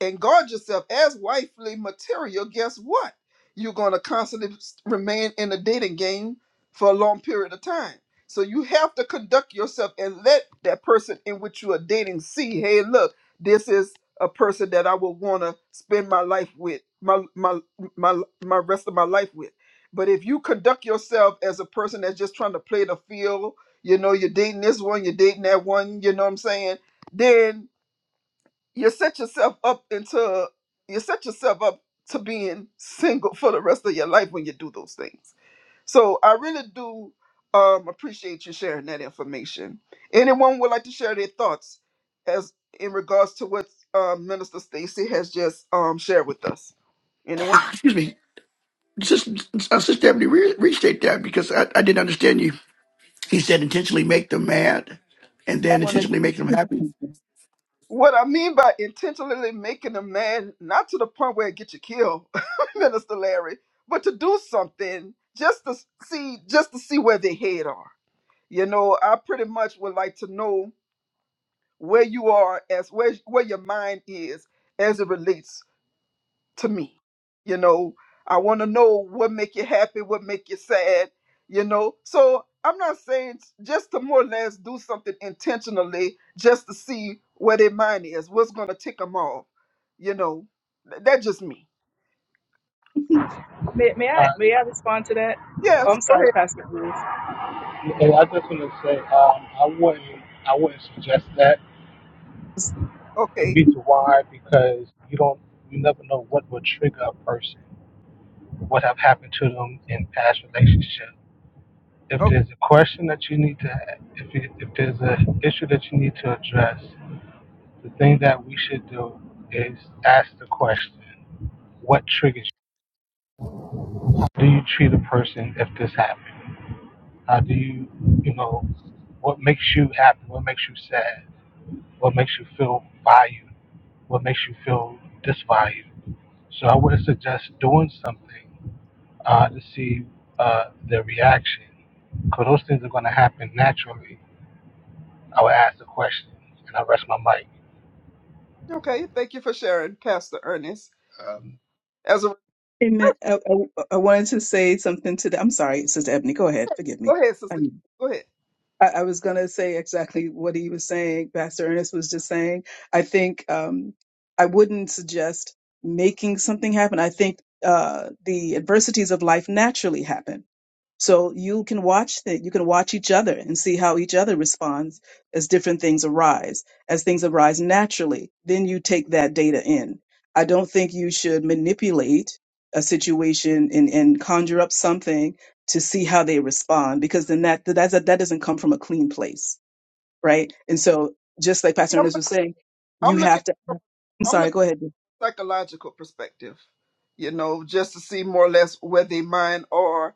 [SPEAKER 1] and guard yourself as wifely material, guess what? You're going to constantly s- remain in the dating game for a long period of time. So you have to conduct yourself and let that person in which you are dating see, hey, look, this is a person that I would want to spend my life with, my my my my rest of my life with. But if you conduct yourself as a person that's just trying to play the field, you know, you're dating this one, you're dating that one, you know what I'm saying? Then you set yourself up into you set yourself up to being single for the rest of your life when you do those things. So I really do um, appreciate you sharing that information. Anyone would like to share their thoughts as in regards to what um, Minister Stacy has just um, shared with us. Anyone?
[SPEAKER 4] Excuse me, just uh, Sister Ebony, re- restate that because I, I didn't understand you. He said intentionally make them mad, and
[SPEAKER 3] i
[SPEAKER 4] then
[SPEAKER 3] want to
[SPEAKER 4] intentionally make them happy.
[SPEAKER 1] What I mean by intentionally making a man not to the point where it gets you killed, Minister Larry, but to do something just to see just to see where their head are You know, I pretty much would like to know where you are as where where your mind is as it relates to me. You know, I want to know what make you happy, what make you sad, you know. So I'm not saying just to more or less do something intentionally just to see where their mind is, what's gonna tick them off, you know. Th- That's just me.
[SPEAKER 3] may, may i
[SPEAKER 9] Uh,
[SPEAKER 3] may i respond to that oh,
[SPEAKER 1] Yes,
[SPEAKER 3] i'm
[SPEAKER 1] go
[SPEAKER 3] sorry
[SPEAKER 1] ahead.
[SPEAKER 3] pastor Ruth.
[SPEAKER 9] and I just want to say, um, I wouldn't, I wouldn't suggest that. The
[SPEAKER 1] Okay.
[SPEAKER 9] reason why, because you don't, you never know what would trigger a person, what have happened to them in past relationships. If
[SPEAKER 1] Okay.
[SPEAKER 9] there's a question that you need to, if you, if there's an issue that you need to address, the thing that we should do is ask the question: What triggers? You? Do you treat a person if this happened? How do you, you know, what makes you happy? What makes you sad? What makes you feel valued? What makes you feel disvalued? So I would suggest doing something uh, to see uh, the reaction. Because those things are going to happen naturally. I would ask the question and I rest my mic.
[SPEAKER 1] Okay. Thank you for sharing, Pastor Ernest.
[SPEAKER 6] Um,
[SPEAKER 1] As a
[SPEAKER 3] Amen. I, I, I wanted to say something to the, I'm sorry, Sister Ebony, go ahead, forgive me.
[SPEAKER 1] go ahead, sister.
[SPEAKER 3] Um,
[SPEAKER 1] Go ahead.
[SPEAKER 3] I, I was going to say exactly what he was saying, Pastor Ernest was just saying. I think um, I wouldn't suggest making something happen. I think uh, the adversities of life naturally happen so you can watch that. You can watch each other and see how each other responds as different things arise, as things arise naturally. Then you take that data in. I don't think you should manipulate a situation and, and conjure up something to see how they respond, because then that that's, a, that doesn't come from a clean place, right? And so, just like Pastor
[SPEAKER 1] I'm,
[SPEAKER 3] Ernest
[SPEAKER 1] look-
[SPEAKER 3] was saying,
[SPEAKER 1] I'm
[SPEAKER 3] you
[SPEAKER 1] looking
[SPEAKER 3] have to.
[SPEAKER 1] from
[SPEAKER 3] I'm
[SPEAKER 1] I'm looking
[SPEAKER 3] sorry. Go ahead.
[SPEAKER 1] psychological perspective, you know, just to see more or less where they mind are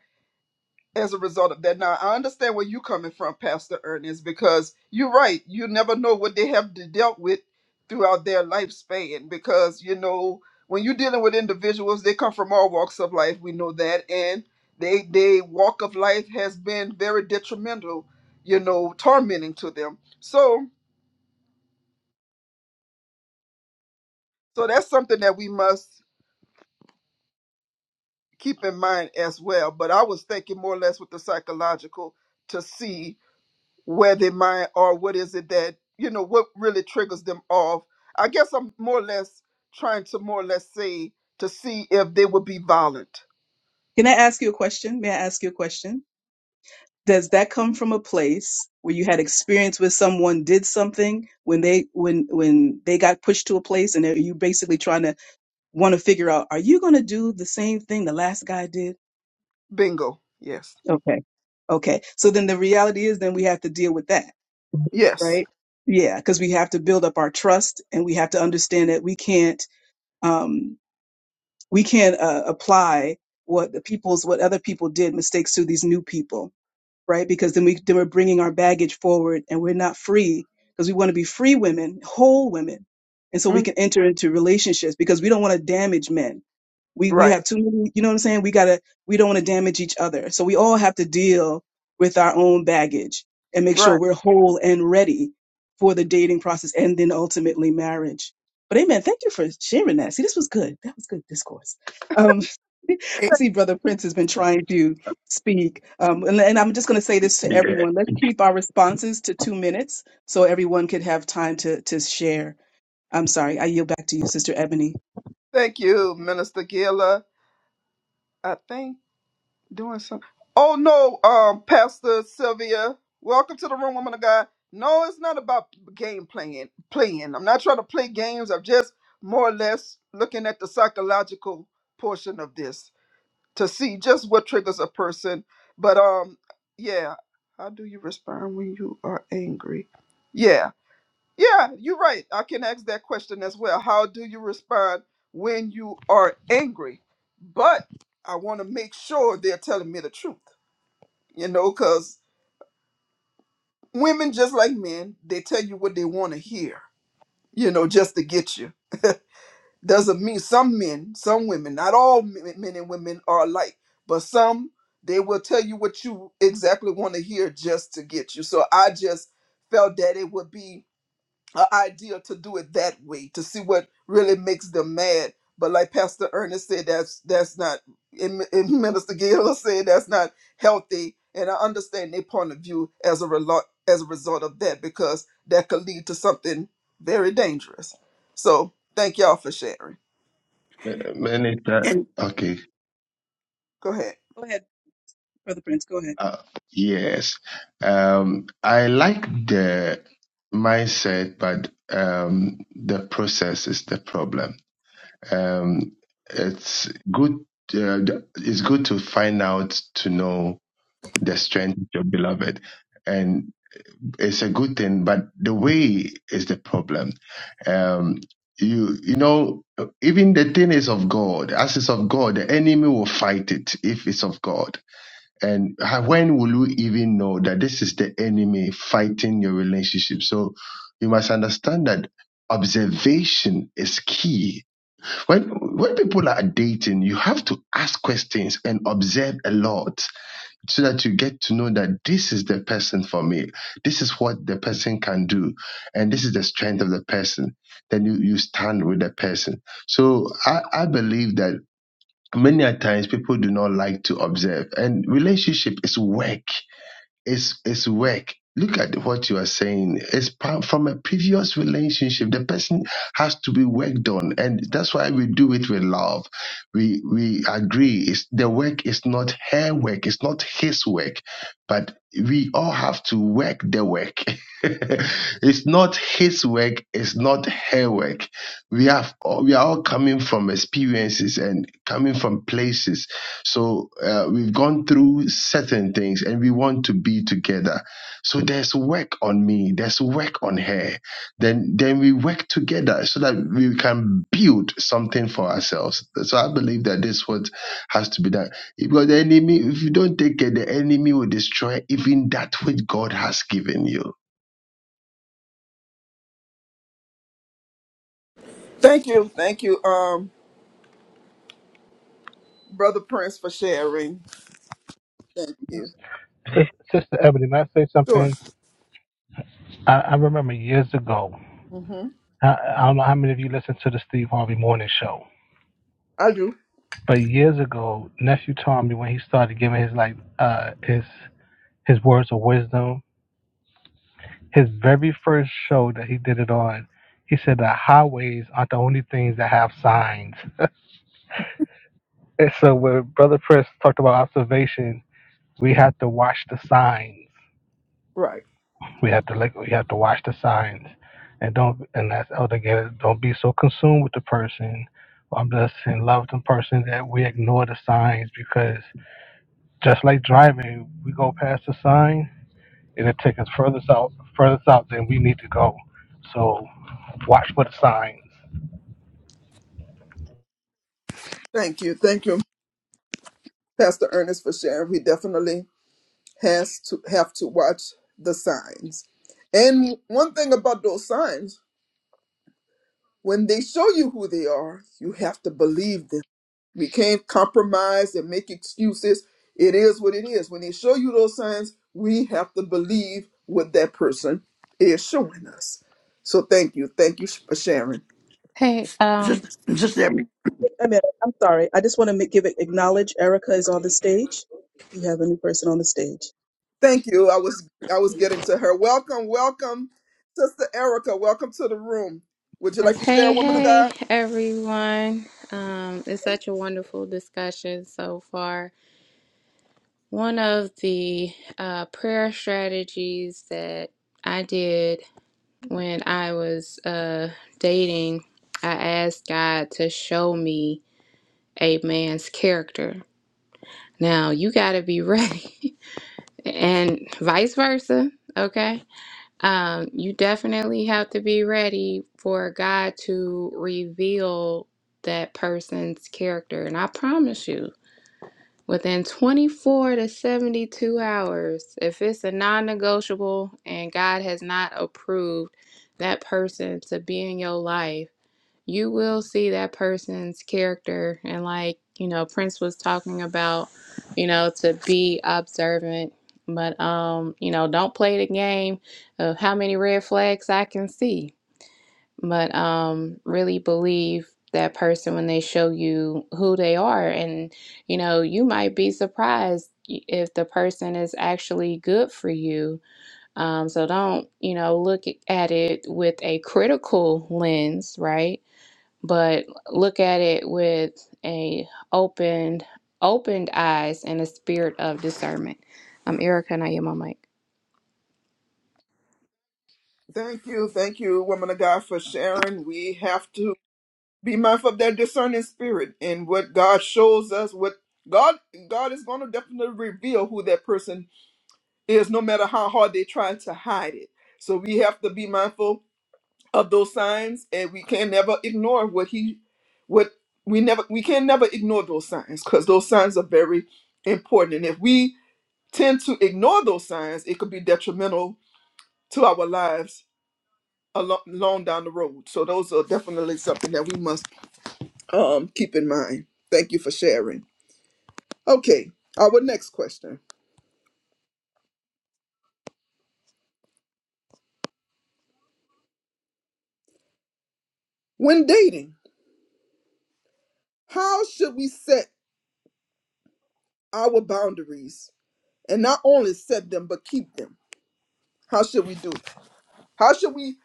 [SPEAKER 1] as a result of that. Now, I understand where you're coming from, Pastor Ernest, because you're right. You never know what they have to dealt with throughout their lifespan. Because, you know, when you're dealing with individuals, they come from all walks of life. We know that. And they, they walk of life has been very detrimental, you know, tormenting to them. So, so that's something that we must keep in mind as well. But I was thinking more or less with the psychological to see where they mind or what is it that you know what really triggers them off i guess i'm more or less trying to more or less say to see if they would be violent
[SPEAKER 3] Can I ask you a question? May I ask you a question? does that come from a place where you had experience with someone did something when they when when they got pushed to a place and are you basically trying to want to figure out are you going to do the same thing the last guy did
[SPEAKER 1] bingo yes
[SPEAKER 3] okay okay so then the reality is then we have to deal with that
[SPEAKER 1] yes
[SPEAKER 3] right yeah because we have to build up our trust and we have to understand that we can't um we can't uh, apply what the people's what other people did mistakes to these new people right? Because then we then we're bringing our baggage forward, and we're not free because we want to be free women, whole women, and so we
[SPEAKER 1] Mm,
[SPEAKER 3] can enter into relationships because we don't want to damage men we we
[SPEAKER 1] right
[SPEAKER 3] have too many you know what i'm saying we gotta we don't want to damage each other so we all have to deal with our own baggage and make sure
[SPEAKER 1] right
[SPEAKER 3] we're whole and ready for the dating process and then ultimately marriage but amen thank you for sharing that see this was good that was good discourse um i
[SPEAKER 4] And,
[SPEAKER 3] see brother prince has been trying to speak um and, and i'm just going to say this to
[SPEAKER 6] yeah.
[SPEAKER 3] everyone let's keep our responses to two minutes so everyone could have time to to share i'm sorry i yield back to you sister ebony
[SPEAKER 1] thank you minister gila i think doing some. Oh no, um, Pastor Sylvia, welcome to the room, woman of God. No, it's not about game playing. Playing. I'm not trying to play games. I'm just more or less looking at the psychological portion of this to see just what triggers a person. But um, yeah, how do you respond when you are angry? Yeah, yeah, you're right. I can ask that question as well. How do you respond when you are angry? But I want to make sure they're telling me the truth, you know, because women, just like men, they tell you what they want to hear, you know, just to get you. Doesn't mean some men, some women, not all men men and women are alike, but some, they will tell you what you exactly want to hear just to get you. So I just felt that it would be a idea to do it that way to see what really makes them mad. But like Pastor Ernest said, that's that's not. And and Minister Gaylor said that's not healthy. And I understand their point of view as a result as a result of that because that could lead to something very dangerous. So thank y'all for sharing.
[SPEAKER 6] Mi- Minister.
[SPEAKER 4] and
[SPEAKER 6] Okay.
[SPEAKER 1] Go ahead.
[SPEAKER 3] go ahead brother prince go ahead
[SPEAKER 6] Uh, yes. Um, I like the mindset, but um, the process is the problem. Um, it's good. Uh, th- it's good to find out to know the strength of your beloved, and it's a good thing. But the way is the problem. Um, you you know even the thing is of God. As it's of God, the enemy will fight it if it's of God and how- when will you even know that this is the enemy fighting your relationship? So you must understand that observation is key. When when people are dating, you have to ask questions and observe a lot so that you get to know that this is the person for me. This is what the person can do, and this is the strength of the person. Then you you stand with the person. So I I believe that many a times people do not like to observe and relationship is work it's it's work. Look at what you are saying. It's pa- from a previous relationship. The person has to be worked on, and that's why we do it with love. We we agree. It's the work is not her work. It's not his work, but we all have to work the work. it's not his work. It's not her work. We have all- we are all coming from experiences and coming from places so uh, we've gone through certain things and we want to be together. So there's work on me, there's work on her. Then then we work together so that we can build something for ourselves. So I believe that this what has to be done. Because the enemy, if you don't take care, the enemy will destroy even that which God has given you.
[SPEAKER 1] Thank you, thank you, um, brother Prince for sharing. Thank you.
[SPEAKER 9] Sis- Sister Ebony, may I say
[SPEAKER 1] Sure.
[SPEAKER 9] something? I, I remember years ago,
[SPEAKER 1] hmm
[SPEAKER 9] I, I don't know how many of you listened to the Steve Harvey Morning Show.
[SPEAKER 1] I do.
[SPEAKER 9] But years ago, nephew Tommy, when he started giving his like uh his his words of wisdom, his very first show that he did it on, he said that highways aren't the only things that have signs. And so when Brother Chris talked about observation, we have to watch the signs.
[SPEAKER 1] Right.
[SPEAKER 9] We have to like we have to watch the signs. And don't and that's Elder Gator, don't be so consumed with the person. I'm just in love with the person that we ignore the signs because just like driving, we go past the sign and it takes us further south, further south than we need to go. So watch for the signs.
[SPEAKER 1] Thank you, thank you, Pastor Ernest for sharing. We definitely has to have to watch the signs. And one thing about those signs, when they show you who they are, you have to believe them. We can't compromise and make excuses. It is what it is. When they show you those signs, we have to believe what that person is showing us. So thank you. Thank you for sharing.
[SPEAKER 10] Hey, um,
[SPEAKER 4] just Sister Ebony,
[SPEAKER 3] a minute. I'm sorry. I just want to give it acknowledge Erica is on the stage. You have a new person on the stage.
[SPEAKER 1] Thank you. I was I was getting to her. Welcome, welcome, Sister Erica. Welcome to the room. Would you like
[SPEAKER 10] yes,
[SPEAKER 1] to share,
[SPEAKER 10] hey,
[SPEAKER 1] woman of
[SPEAKER 10] hey,
[SPEAKER 1] God?
[SPEAKER 10] everyone. Um, it's such a wonderful discussion so far. One of the uh, prayer strategies that I did when I was uh, dating, I asked God to show me a man's character. Now, you got to be ready, and vice versa, okay? Um, you definitely have to be ready for God to reveal that person's character. And I promise you, within 24 to 72 hours, if it's a non negotiable and God has not approved that person to be in your life, you will see that person's character. And like, you know, Prince was talking about, you know, to be observant. But um, you know, don't play the game of how many red flags I can see. But um really believe that person when they show you who they are and you know, you might be surprised if the person is actually good for you. Um, so don't, you know, look at it with a critical lens, right? but look at it with a opened opened eyes and a spirit of discernment. I'm Erica and I am my mic.
[SPEAKER 1] Thank you, thank you, woman of God, for sharing. We have to be mindful of that discerning spirit and what God shows us. What God God is going to definitely reveal who that person is, no matter how hard they try to hide it. So we have to be mindful of those signs, and we can never ignore what He, what we never we can never ignore those signs because those signs are very important. And if we tend to ignore those signs, it could be detrimental to our lives alo- along down the road. So those are definitely something that we must um, keep in mind. Thank you for sharing. Okay, our next question. When dating, how should we set our boundaries? And not only set them, but keep them. How should we do it? How should we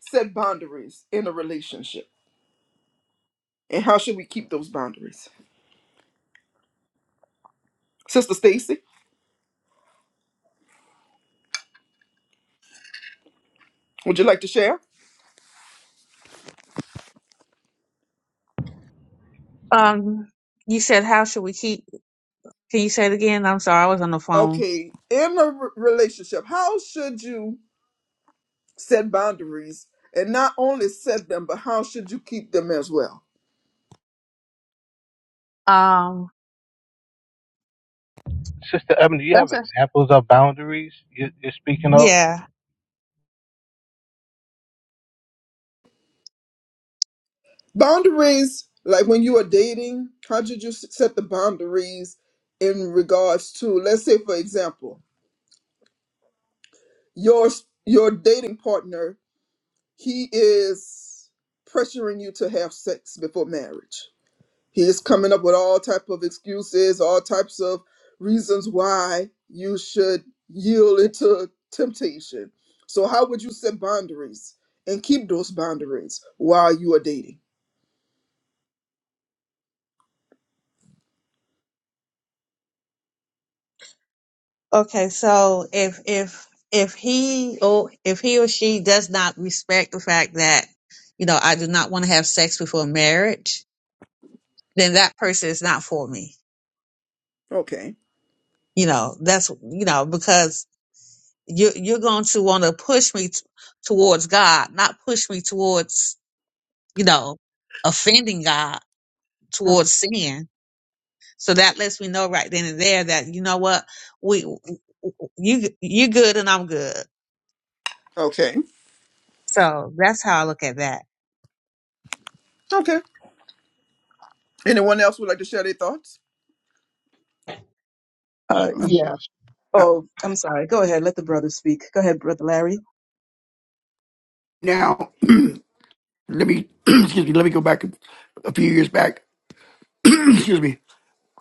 [SPEAKER 1] set boundaries in a relationship? And how should we keep those boundaries? Sister Stacy, would you like to share?
[SPEAKER 8] Um, you said how should we keep? Can you say it again? I'm sorry, I was on the phone.
[SPEAKER 1] Okay, in a re- relationship, how should you set boundaries and not only set them but how should you keep them as well
[SPEAKER 8] Um,
[SPEAKER 9] Sister Ebony, do you have
[SPEAKER 8] that's a
[SPEAKER 9] examples of boundaries you- you're speaking of?
[SPEAKER 8] yeah.
[SPEAKER 1] boundaries like when you are dating how should you s- set the boundaries in regards to let's say for example your s- your dating partner he is pressuring you to have sex before marriage He is coming up with all type of excuses, all types of reasons why you should yield into temptation. So how would you set boundaries and keep those boundaries while you are dating?
[SPEAKER 8] Okay, so if if if he or if he or she does not respect the fact that you know I do not want to have sex before marriage, then that person is not for me
[SPEAKER 1] Okay.
[SPEAKER 8] you know that's you know because you you're going to want to push me t- towards god not push me towards you know offending god towards sin so that lets me know right then and there that you know what we you you good and i'm good
[SPEAKER 1] Okay.
[SPEAKER 8] so that's how i look at that
[SPEAKER 1] Okay. Anyone else would like to share their thoughts?
[SPEAKER 3] Uh,
[SPEAKER 6] Sure, sure,
[SPEAKER 3] yeah.
[SPEAKER 4] uh,
[SPEAKER 3] Oh, I'm sorry. Go ahead. Let the brother speak. Go ahead, brother Larry.
[SPEAKER 4] now let me excuse me, let me go back a few years back. excuse me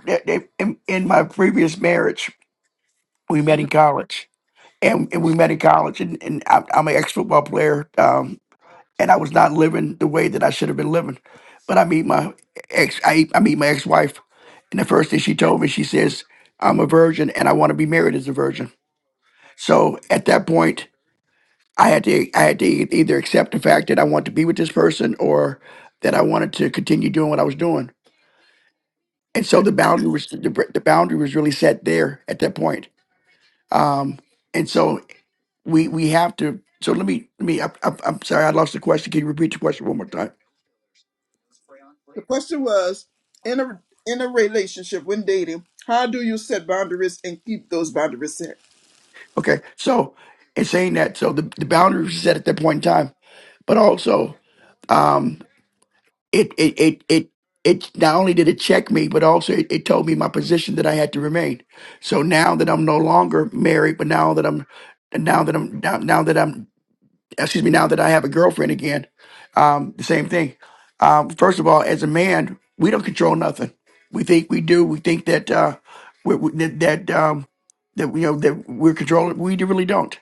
[SPEAKER 4] that- that- in, in my previous marriage, we met
[SPEAKER 1] Mhm.
[SPEAKER 4] in college, and, and we met in college, and, and I'm, I'm an ex football player, um, and I was not living the way that I should have been living, but I meet my ex, I, I meet my ex wife, and the first thing she told me, she says, "I'm a virgin, and I want to be married as a virgin." So at that point, I had to I had to e-, either accept the fact that I want to be with this person or that I wanted to continue doing what I was doing. And so the boundary was the, the boundary was really set there at that point Um, and so we we have to. So let me let me. I, I, I'm sorry, I lost the question. Can you repeat the question one more time?
[SPEAKER 1] The question was in a in a relationship when dating, how do you set boundaries and keep those boundaries set?
[SPEAKER 4] Okay. So in saying that, so the the boundaries were set at that point in time, but also um, it it it it. It not only did it check me, but also it, it told me my position that I had to remain. So now that I'm no longer married, but now that I'm now that I'm now, now that I'm excuse me, now that I have a girlfriend again, um, the same thing. Um, first of all, as a man, we don't control nothing. We think we do. We think that uh, we, we, that that, um, that you know that we're controlling. We do- really don't.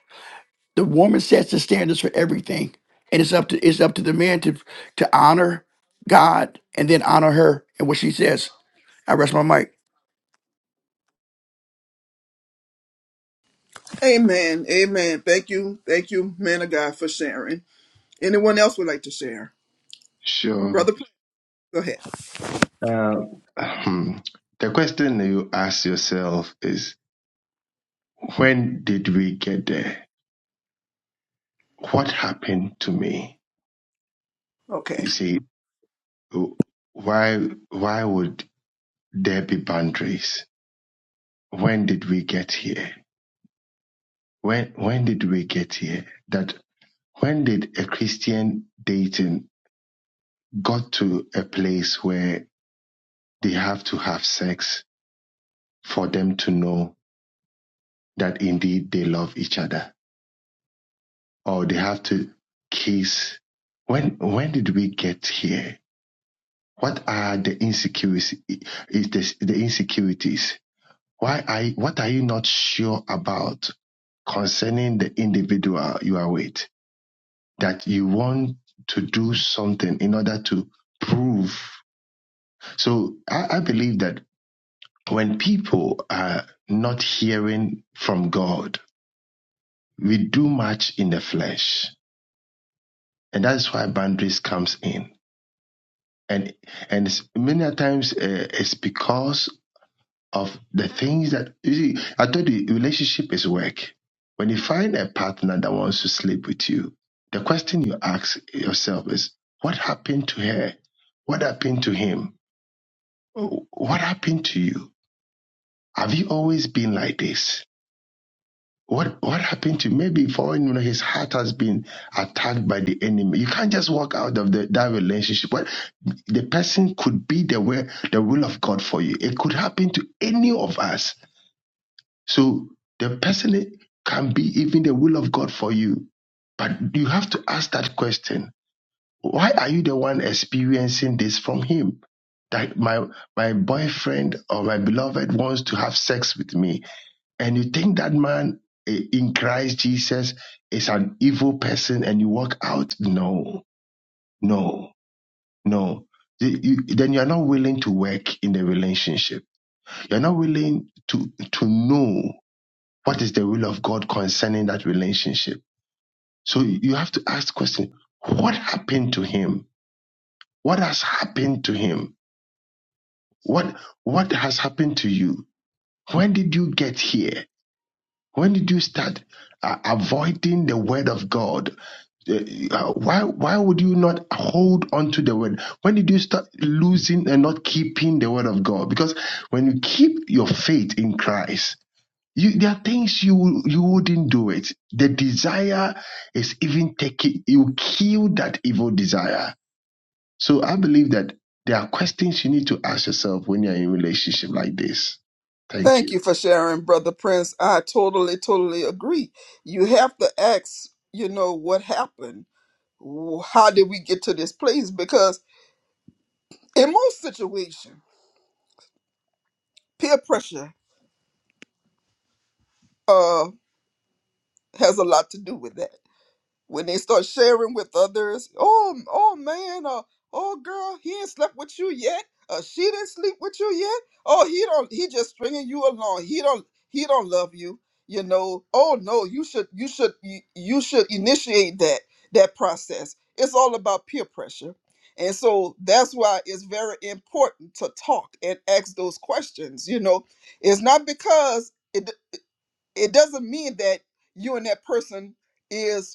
[SPEAKER 4] The woman sets the standards for everything, and it's up to it's up to the man to to honor God and then honor her and what she says. I rest my mic.
[SPEAKER 1] Amen. Amen. Thank you. Thank you, man of God, for sharing. Anyone else would like to share?
[SPEAKER 6] Sure.
[SPEAKER 1] Brother Prince, go ahead.
[SPEAKER 6] Uh, hmm. the question you ask yourself is when did we get there? what happened to me?
[SPEAKER 1] Okay.
[SPEAKER 6] You see, why why would there be boundaries? When did we get here? When when did we get here? That when did a Christian dating got to a place where they have to have sex for them to know that indeed they love each other, or they have to kiss? When when did we get here? What are the insecurities? Is this the insecurities? Why are you, what are you not sure about concerning the individual you are with that you want to do something in order to prove? So I, I believe that when people are not hearing from God, we do much in the flesh, and that's why boundaries comes in. And and many times uh, it's because of the things that you see, I told you relationship is work. When you find a partner that wants to sleep with you, the question you ask yourself is, what happened to her? What happened to him? What happened to you? Have you always been like this? What what happened to you? maybe for all you know his heart has been attacked by the enemy. You can't just walk out of the, that relationship. What the person could be the way the will of God for you. It could happen to any of us So the person can be even the will of God for you. But you have to ask that question. Why are you the one experiencing this from him? That my my boyfriend or my beloved wants to have sex with me. And you think that man eh, in Christ Jesus is an evil person and you walk out? No, no, no. You- you- then you're not willing to work in the relationship. You're not willing to to know What is the will of God concerning that relationship? So you have to ask the question, what happened to him? What has happened to him? What what has happened to you? When did you get here? When did you start uh, avoiding the word of God? Uh, uh, why why would you not hold on to the word? When did you start losing and not keeping the word of God? Because when you keep your faith in Christ, You, there are things you you wouldn't do it. The desire is even taking you kill that evil desire. So I believe that there are questions you need to ask yourself when you're in a relationship like this. Thank
[SPEAKER 1] Thank
[SPEAKER 6] you.
[SPEAKER 1] you for sharing, Brother Prince. I totally, totally agree. You have to ask, you know, what happened? Wh- How did we get to this place? Because in most situations, peer pressure uh, has a lot to do with that. when they start sharing with others. Oh, oh man, uh, oh girl, he ain't slept with you yet. Uh, she didn't sleep with you yet. Oh, he don't. He just stringing you along. He don't. He don't love you. You know. Oh no, you should. You should. You, you should initiate that that process. It's all about peer pressure, and so that's why it's very important to talk and ask those questions. You know, it's not because it it doesn't mean that you and that person is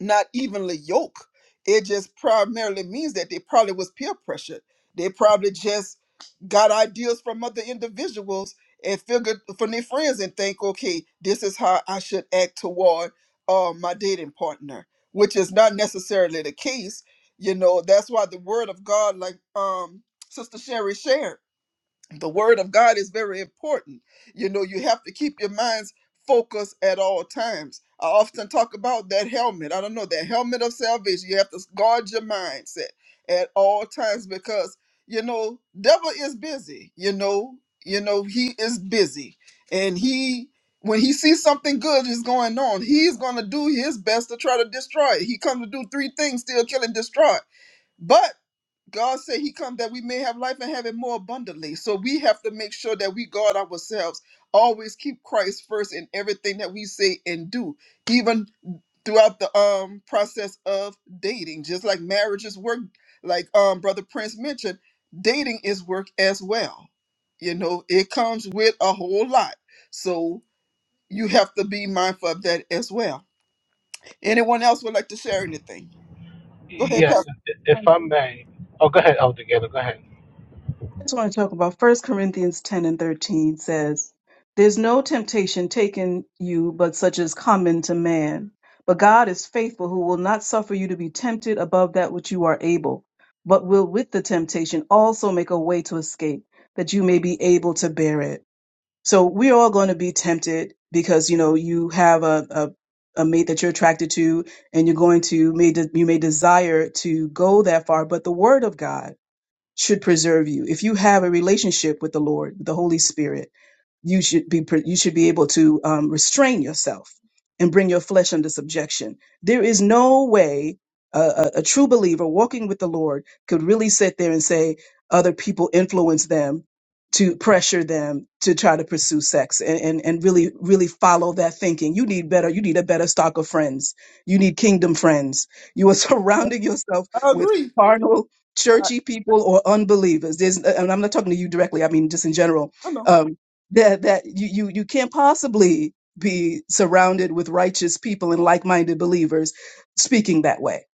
[SPEAKER 1] not evenly yoked. It just primarily means that they probably was peer pressured. They probably just got ideas from other individuals and figured from their friends and think, okay, this is how I should act toward uh, my dating partner, which is not necessarily the case. You know, that's why the word of God, like um, Sister Sherry shared the word of God is very important. You know, you have to keep your minds focused at all times. I often talk about that helmet. I don't know, that helmet of salvation. You have to guard your mindset at all times because, you know, devil is busy. You know, you know, he is busy. And he when he sees something good is going on, he's gonna do his best to try to destroy it. He comes to do three things, steal, kill and destroy. But God said he come that we may have life and have it more abundantly. So we have to make sure that we guard ourselves, always keep Christ first in everything that we say and do, even throughout the um process of dating. Just like marriage is work, like um brother Prince mentioned, dating is work as well. You know, it comes with a whole lot. So you have to be mindful of that as well. Anyone else would like to share anything? Go ahead,
[SPEAKER 9] Yes,
[SPEAKER 1] Pastor.
[SPEAKER 9] if I may. Oh, go ahead, Elder Gator. Go ahead.
[SPEAKER 3] I just want to talk about First Corinthians 10 and 13 says, There's no temptation taken you but such as common to man. But God is faithful, who will not suffer you to be tempted above that which you are able, but will with the temptation also make a way to escape, that you may be able to bear it. So we're all going to be tempted because, you know, you have a, a a mate that you're attracted to, and you're going to may de- you may desire to go that far, but the word of God should preserve you. If you have a relationship with the Lord, the Holy Spirit, you should be pr- you should be able to um, restrain yourself and bring your flesh under subjection. There is no way a, a, a true believer walking with the Lord could really sit there and say other people influence them to pressure them to try to pursue sex and, and, and really really follow that thinking you need better you need a better stock of friends you need kingdom friends you are surrounding yourself
[SPEAKER 1] I
[SPEAKER 3] with
[SPEAKER 1] agree.
[SPEAKER 3] carnal
[SPEAKER 1] I,
[SPEAKER 3] churchy people or unbelievers there's and i'm not talking to you directly i mean just in general
[SPEAKER 1] I know.
[SPEAKER 3] Um, that that you you you can't possibly be surrounded with righteous people and like-minded believers speaking that way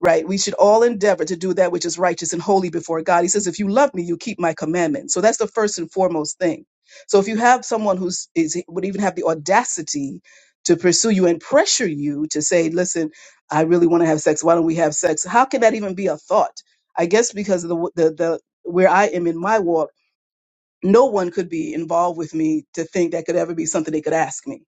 [SPEAKER 3] right we should all endeavor to do that which is righteous and holy before god he says if you love me you keep my commandments so that's the first and foremost thing so if you have someone who's is would even have the audacity to pursue you and pressure you to say listen i really want to have sex why don't we have sex how can that even be a thought i guess because of the the, the where i am in my walk no one could be involved with me to think that could ever be something they could ask me.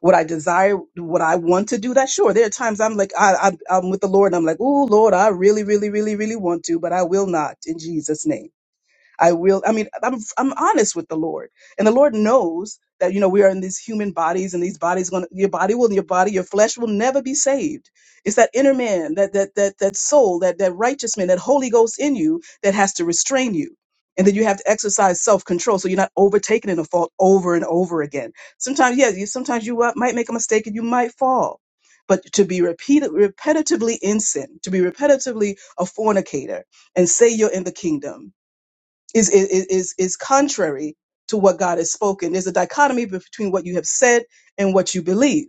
[SPEAKER 3] What I desire, what I want to do that, sure. There are times I'm like, I, I, I'm with the Lord and I'm like, oh, Lord, I really, really, really, really want to, but I will not in Jesus' name. I will. I mean, I'm I'm honest with the Lord, and the Lord knows that you know we are in these human bodies, and these bodies going to your body will your body your flesh will never be saved. It's that inner man, that that that that soul, that that righteous man, that Holy Ghost in you that has to restrain you. And then you have to exercise self-control, so you're not overtaken in a fault over and over again. Sometimes, yes, you, sometimes you uh, might make a mistake and you might fall, but to be repeated, repetitively in sin, to be repetitively a fornicator, and say you're in the kingdom, is is is is contrary to what God has spoken. There's a dichotomy between what you have said and what you believe.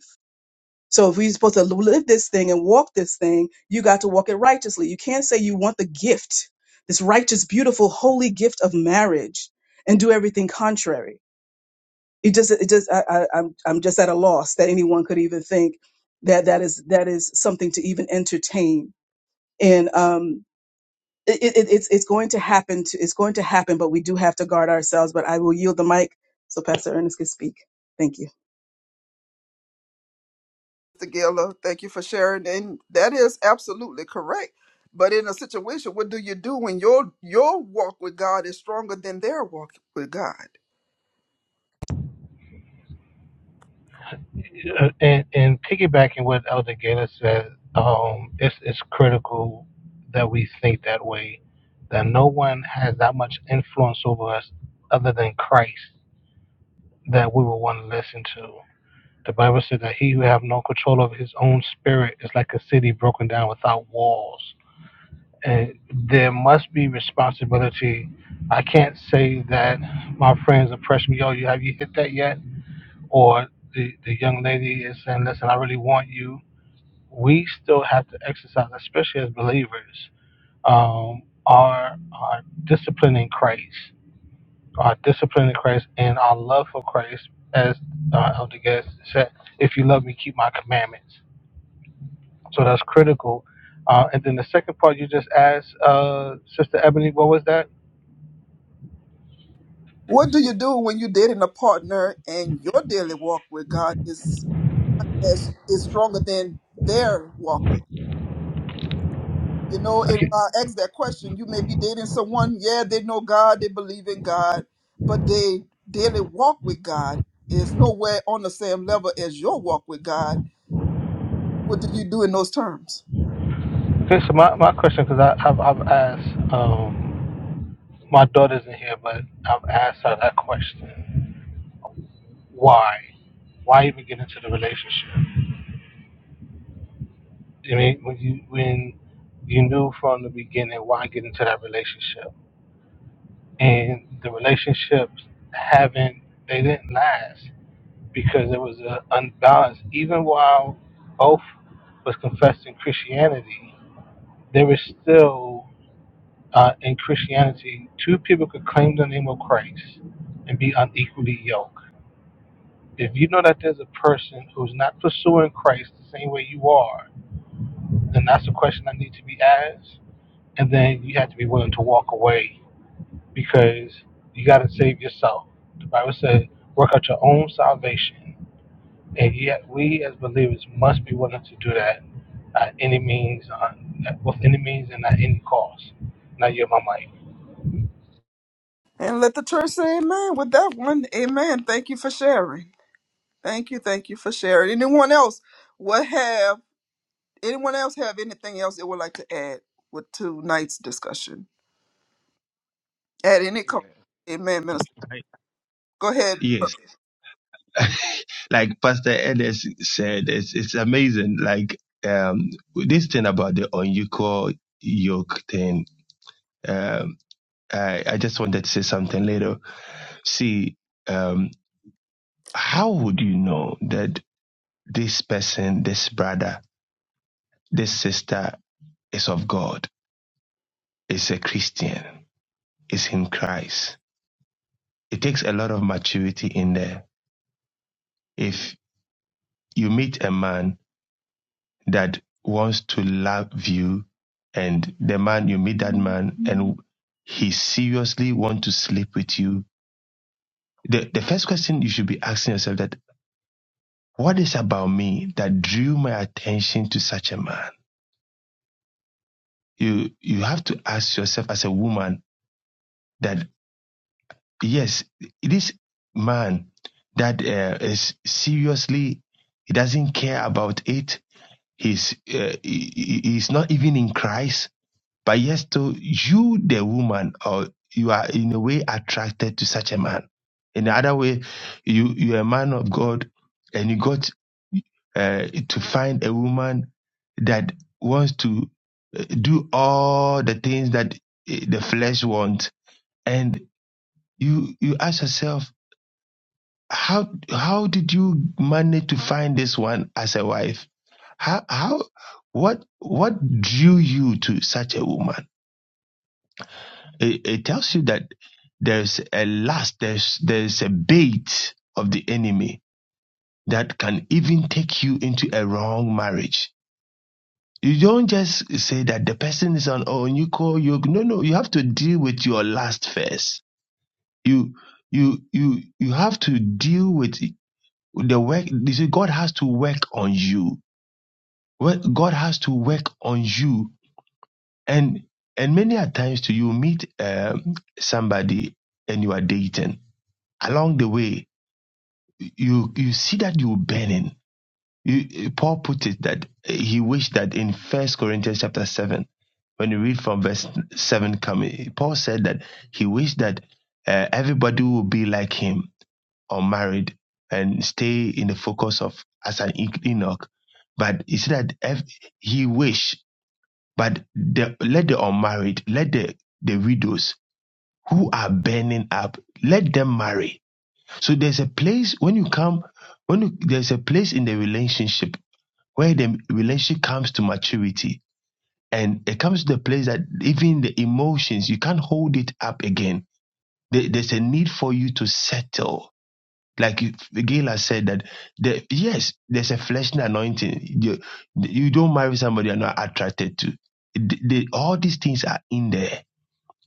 [SPEAKER 3] So if we're supposed to live this thing and walk this thing, you got to walk it righteously. You can't say you want the gift, this righteous, beautiful, holy gift of marriage, and do everything contrary. It just, it just, I, I, I'm, I'm just at a loss that anyone could even think that that is that is something to even entertain. And um, it, it, it's it's going to happen. To, it's going to happen, but we do have to guard ourselves. But I will yield the mic so Pastor Ernest can speak. Thank you.
[SPEAKER 1] Mr. Gilla. Thank you for sharing. And that is absolutely correct. But in a situation, what do you do when your your walk with God is stronger than their walk with God?
[SPEAKER 9] Uh, And, and piggybacking what Elder Gator said, um, it's, it's critical that we think that way, that no one has that much influence over us other than Christ that we would want to listen to. The Bible said that he who have no control of his own spirit is like a city broken down without walls. And there must be responsibility. I can't say that my friends approach me, yo, you have you hit that yet? Or the, the young lady is saying, listen, I really want you. We still have to exercise, especially as believers, um, our, our discipline in Christ, our discipline in Christ and our love for Christ as uh, Elder Guest said, if you love me, keep my commandments So that's critical. Uh, and then the second part you just asked, uh, Sister Ebony, what was that?
[SPEAKER 1] What do you do when you're dating a partner and your daily walk with God is is, is stronger than their walk with? You know, and when I ask that question, you may be dating someone, yeah, they know God, they believe in God, but they daily walk with God is nowhere on the same level as your walk with God. What do you do in those terms?
[SPEAKER 9] Okay, so my, my question, because I've, I've asked, um, my daughter's in here, but I've asked her that question. Why? Why even get into the relationship? I mean, when you, when you knew from the beginning, why get into that relationship? and the relationships haven't they didn't last because it was uh, unbalanced. Even while both was confessing Christianity, there was still uh, in Christianity two people could claim the name of Christ and be unequally yoked. If you know that there's a person who's not pursuing Christ the same way you are, then that's a question that needs to be asked, and then you have to be willing to walk away because you got to save yourself. The Bible says, work out your own salvation. And yet, we as believers must be willing to do that at any means, uh, at- with any means and at any cost. Now, you're my mic.
[SPEAKER 1] And let the church say amen with that one. Amen. Thank you for sharing. Thank you. Thank you for sharing. Anyone else what have anyone else have anything else they would like to add with tonight's discussion? At any cost.
[SPEAKER 6] Yeah.
[SPEAKER 1] Amen, minister.
[SPEAKER 6] Like,
[SPEAKER 1] Go ahead.
[SPEAKER 6] yes. Like Pastor Ellis said, it's it's amazing. Like um this thing about the unequal yoke thing. Um I, I just wanted to say something later. See, um how would you know that? this person, this brother, this sister is of God, is a Christian, is in Christ. It takes a lot of maturity in there. If you meet a man that wants to love you, and the man you meet that man and he seriously want to sleep with you, the, the first question you should be asking yourself that what is about me that drew my attention to such a man? You you have to ask yourself as a woman, that. yes, this man that uh, is seriously, he doesn't care about it. He's uh, he, he- he's not even in Christ. But yes, to you, the woman, or you are in a way attracted to such a man. In the other way, you you're a man of God, and you got uh, to find a woman that wants to uh, do all the things that uh, the flesh wants, and you you ask yourself how how did you manage to find this one as a wife? How how what what drew you to such a woman? It, it tells you that there's a lust, there's there's a bait of the enemy that can even take you into a wrong marriage. You don't just say that the person is on oh you call you no no you have to deal with your lust first. You you you you have to deal with the work. You see, God has to work on you Well, God has to work on you, and and many a times too, you meet um, somebody and you are dating. Along the way, you you see that you're burning. You, Paul put it that he wished that in First Corinthians chapter seven, when you read from verse seven coming, Paul said that he wished that uh, everybody would be like him, unmarried, and stay in the focus of as an Enoch. But he said that ev- he wished But the, let the unmarried, let the, the widows who are burning up, let them marry. So there's a place when you come, when you, there's a place in the relationship where the relationship comes to maturity. And it comes to the place that even the emotions, you can't hold it up again. There- There's a need for you to settle. Like you- Gayla said that, the, yes, there's a fleshly anointing. You, you don't marry somebody you're not attracted to. The- the- all these things are in there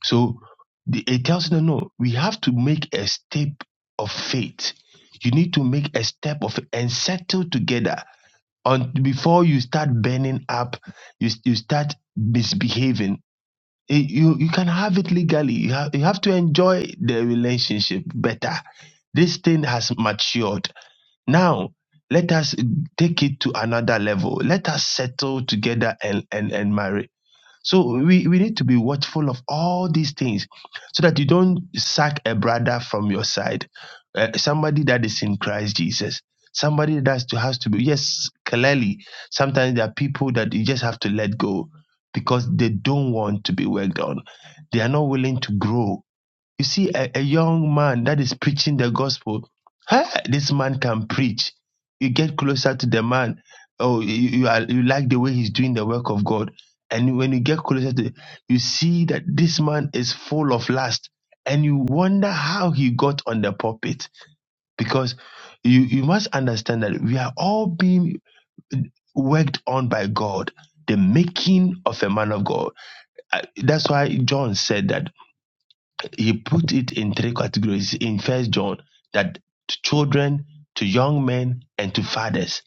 [SPEAKER 6] So the, it tells you, no, no, we have to make a step of faith. You need to make a step of and settle together on before you start burning up, you, you start misbehaving. Eh, You you can have it legally. You have you have to enjoy the relationship better. This thing has matured. Now let us take it to another level. Let us settle together and and and marry so we, we need to be watchful of all these things so that you don't sack a brother from your side, uh, somebody that is in Christ Jesus. Somebody that has to, has to be, yes, clearly, sometimes there are people that you just have to let go because they don't want to be worked on. They are not willing to grow you see a, a young man that is preaching the gospel. Hey, this man can preach. You get closer to the man. Oh, you, you, are, you like the way he's doing the work of God. And when you get closer to you see that this man is full of lust. And you wonder how he got on the pulpit. Because you, you must understand that we are all being worked on by God, the making of a man of God. I- That's why John said that he put it in three categories in first john that to children to young men and to fathers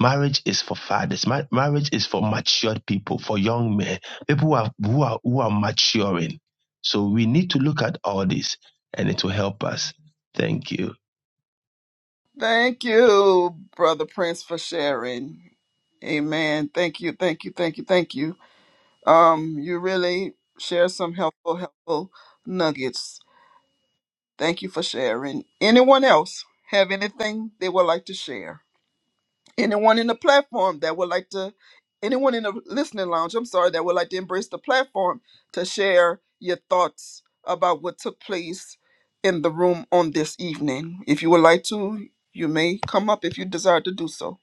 [SPEAKER 6] marriage is for fathers Ma- marriage is for matured people for young men people who are, who are who are maturing so we need to look at all this and it will help us thank you
[SPEAKER 1] Thank you, Brother Prince, for sharing. Amen. Thank you, thank you, thank you, thank you. Um, you really share some helpful, helpful nuggets. Thank you for sharing. Anyone else have anything they would like to share? anyone in the platform that would like to anyone in the listening lounge i'm sorry that would like to embrace the platform to share your thoughts about what took place in the room on this evening if you would like to you may come up if you desire to do so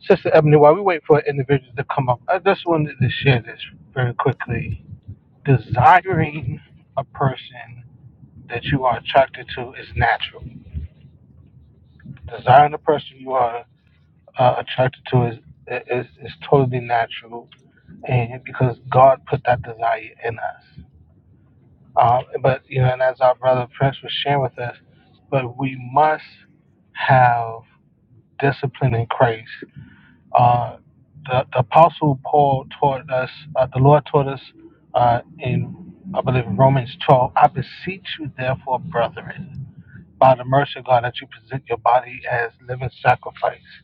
[SPEAKER 9] Sister Ebony, while we wait for individuals to come up, I just wanted to share this very quickly. Desiring a person that you are attracted to is natural. Desiring the person you are uh, attracted to is, is is totally natural, and because God put that desire in us. Um, but you know, and as our brother Prince was sharing with us, but we must have discipline in Christ. Uh, the, the Apostle Paul taught us, uh, the Lord taught us uh, in, I believe, Romans 12, I beseech you, therefore, brethren, by the mercy of God, that you present your body as living sacrifice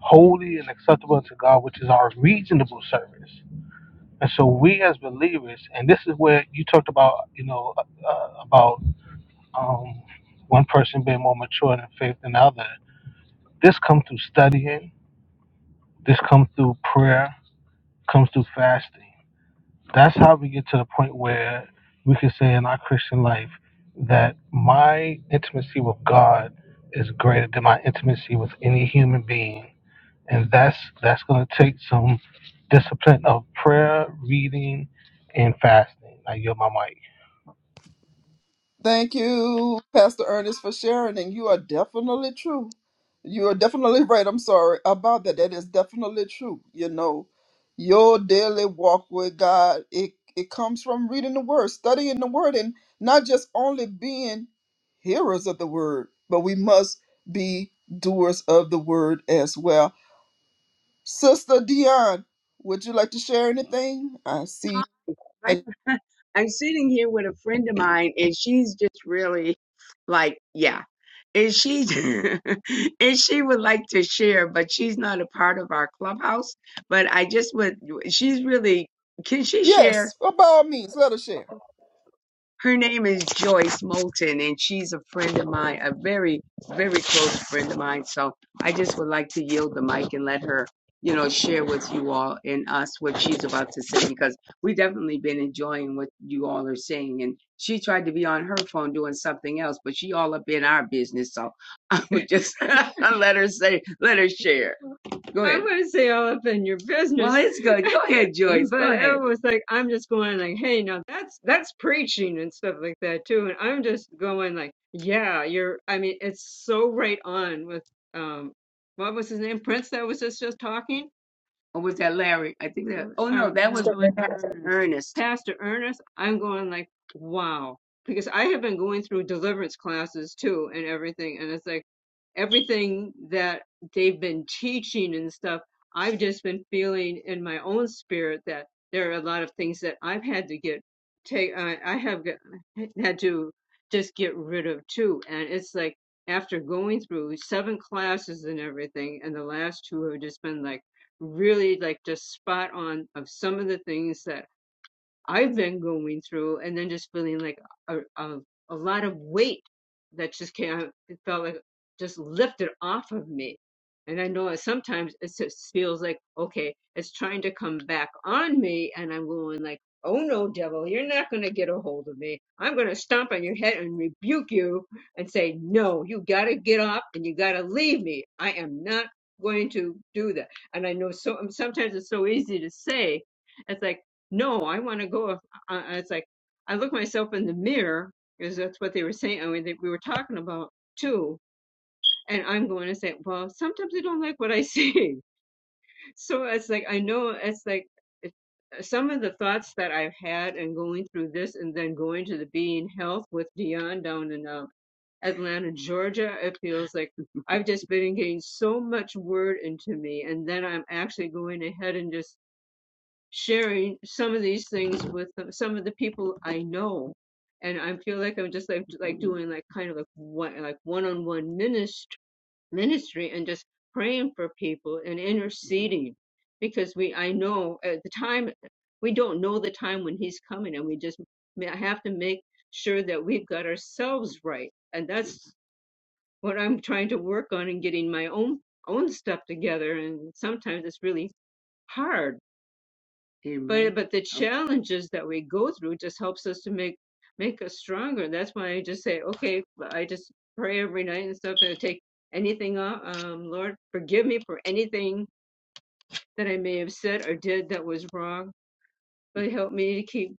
[SPEAKER 9] holy and acceptable to God, which is our reasonable service. And so we as believers, and this is where you talked about, you know, uh, uh, about um, one person being more mature in faith than the other. This comes through studying. This comes through prayer. Comes through fasting. That's how we get to the point where we can say in our Christian life that my intimacy with God is greater than my intimacy with any human being and that's that's going to take some discipline of prayer, reading, and fasting. I yield my mic.
[SPEAKER 1] Thank you, Pastor Ernest, for sharing. And you are definitely true. You are definitely right. I'm sorry about that. That is definitely true. You know, your daily walk with God, it, it comes from reading the word, studying the word, and not just only being hearers of the word, but we must be doers of the word as well. Sister Dion, would you like to share anything? I
[SPEAKER 11] Hi,
[SPEAKER 1] see.
[SPEAKER 11] I'm sitting here with a friend of mine, and she's just really like, yeah. And she and she would like to share, but she's not a part of our clubhouse. But I just would. She's really. Can she share?
[SPEAKER 1] Yes, by all means, let us share.
[SPEAKER 11] Her name is Joyce Moulton, and she's a friend of mine, a very, very close friend of mine. So I just would like to yield the mic and let her, you know, share with you all and us what she's about to say because we've definitely been enjoying what you all are saying. And she tried to be on her phone doing something else, but she all up in our business. So I would just let her say, let her share. Go ahead. I'm going to say all up in your business. Well, it's good. Go ahead, Joyce. but Go ahead. it was like I'm just going like, hey, now that's that's preaching and stuff like that too. And I'm just going like, yeah, you're. I mean, it's so right on with um, what was his name, Prince? That was just just talking. Or was that Larry? I think that, oh uh, no, that no, was
[SPEAKER 3] Pastor, Ann,
[SPEAKER 11] Pastor Ernest. Ernest. Pastor Ernest, I'm going like, wow. Because I have been going through deliverance classes too and everything. And it's like everything that they've been teaching and stuff, I've just been feeling in my own spirit that there are a lot of things that I've had to get, take, I, I have got, had to just get rid of too. And it's like after going through seven classes and everything, and the last two have just been like, really like just spot on of some of the things that I've been going through and then just feeling like a, a, a lot of weight that just can't, it felt like just lifted off of me. And I know that sometimes it just feels like, okay, it's trying to come back on me. And I'm going like, oh no, devil, you're not going to get a hold of me. I'm going to stomp on your head and rebuke you and say, no, you got to get up and you got to leave me. I am not going to do that. And I know so sometimes it's so easy to say. It's like, no, I want to go. If, I, it's like I look myself in the mirror because that's what they were saying. I mean, they, we were talking about too. And I'm going to say, well, sometimes I don't like what I see. So it's like I know it's like it- some of the thoughts that I've had and going through this and then going to the Being Health with Dion down in uh, Atlanta, Georgia. It feels like I've just been getting so much word into me, and then I'm actually going ahead and just sharing some of these things with the- some of the people I know, and I feel like I'm just like like doing like kind of like one like one-on-one ministry ministry and just praying for people and interceding because we I know at the time we don't know the time when he's coming and we just ma- have to make sure that we've got ourselves right and that's what I'm trying to work on and getting my own own stuff together and sometimes it's really hard but Amen. but but the Okay. challenges okay. that we go through just helps us to make make us stronger that's why i just say okay i just pray every night and stuff and I take anything off um lord forgive me for anything that i may have said or did that was wrong but help me to keep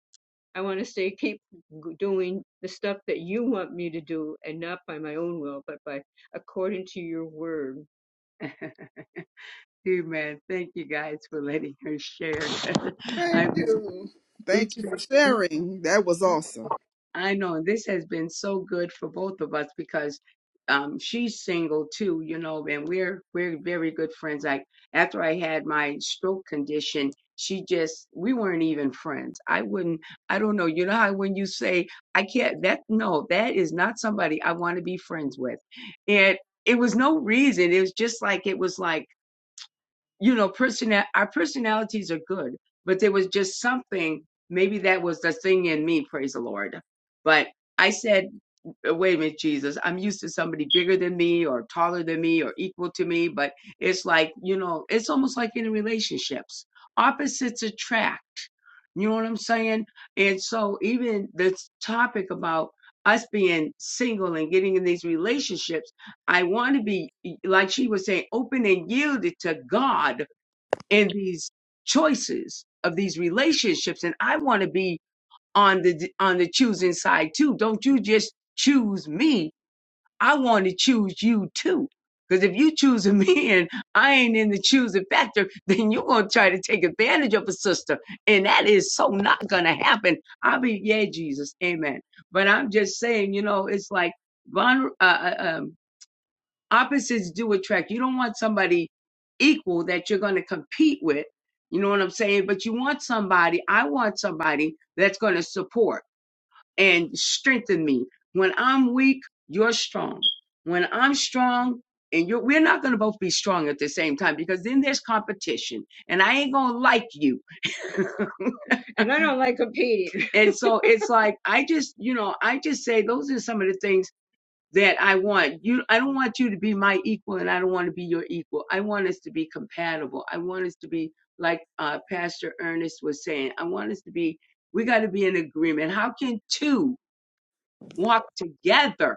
[SPEAKER 11] i want to stay keep doing the stuff that you want me to do and not by my own will but by according to your word Amen. Thank you guys for letting her share.
[SPEAKER 1] Thank
[SPEAKER 11] I,
[SPEAKER 1] you. Thank
[SPEAKER 11] it's
[SPEAKER 1] you for
[SPEAKER 11] been
[SPEAKER 1] sharing. That was awesome.
[SPEAKER 11] I know this has been so good for both of us because um, she's single too, you know, and we're we're very good friends. Like after I had my stroke condition, she just we weren't even friends. I wouldn't, I don't know. You know how when you say I can't, that no, that is not somebody I want to be friends with, and it was no reason. It was just like it was like you know, personal our personalities are good, but there was just something. Maybe that was the thing in me. Praise the Lord. But I said, "Wait a minute, Jesus. I'm used to somebody bigger than me, or taller than me, or equal to me. But it's like you know, it's almost like in relationships, opposites attract. You know what I'm saying? And so even this topic about us being single and getting in these relationships I want to be, like she was saying, open and yielded to God in these choices of these relationships. And I want to be on the on the choosing side too. Don't you just choose me. I want to choose you too. Because if you choose me and I ain't in the choosing factor, then you're gonna try to take advantage of a sister. And that is so not gonna happen. I'll be, yeah, Jesus, amen. But I'm just saying, you know, it's like vulner- uh, uh, um, opposites do attract. You don't want somebody equal that you're going to compete with. You know what I'm saying? But you want somebody, I want somebody that's going to support and strengthen me. When I'm weak, you're strong. When I'm strong, and you're, we're not going to both be strong at the same time because then there's competition and I ain't going to like you. And I don't like competing. And so it's like, I just, you know, I just say those are some of the things that I want you. I don't want you to be my equal, and I don't want to be your equal. I want us to be compatible. I want us to be like uh, Pastor Ernest was saying. I want us to be. We got to be in agreement. How can two walk together?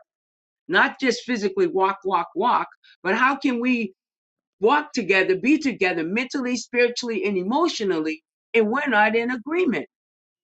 [SPEAKER 11] Not just physically walk, walk, walk, but how can we walk together, be together mentally, spiritually, and emotionally, and we're not in agreement?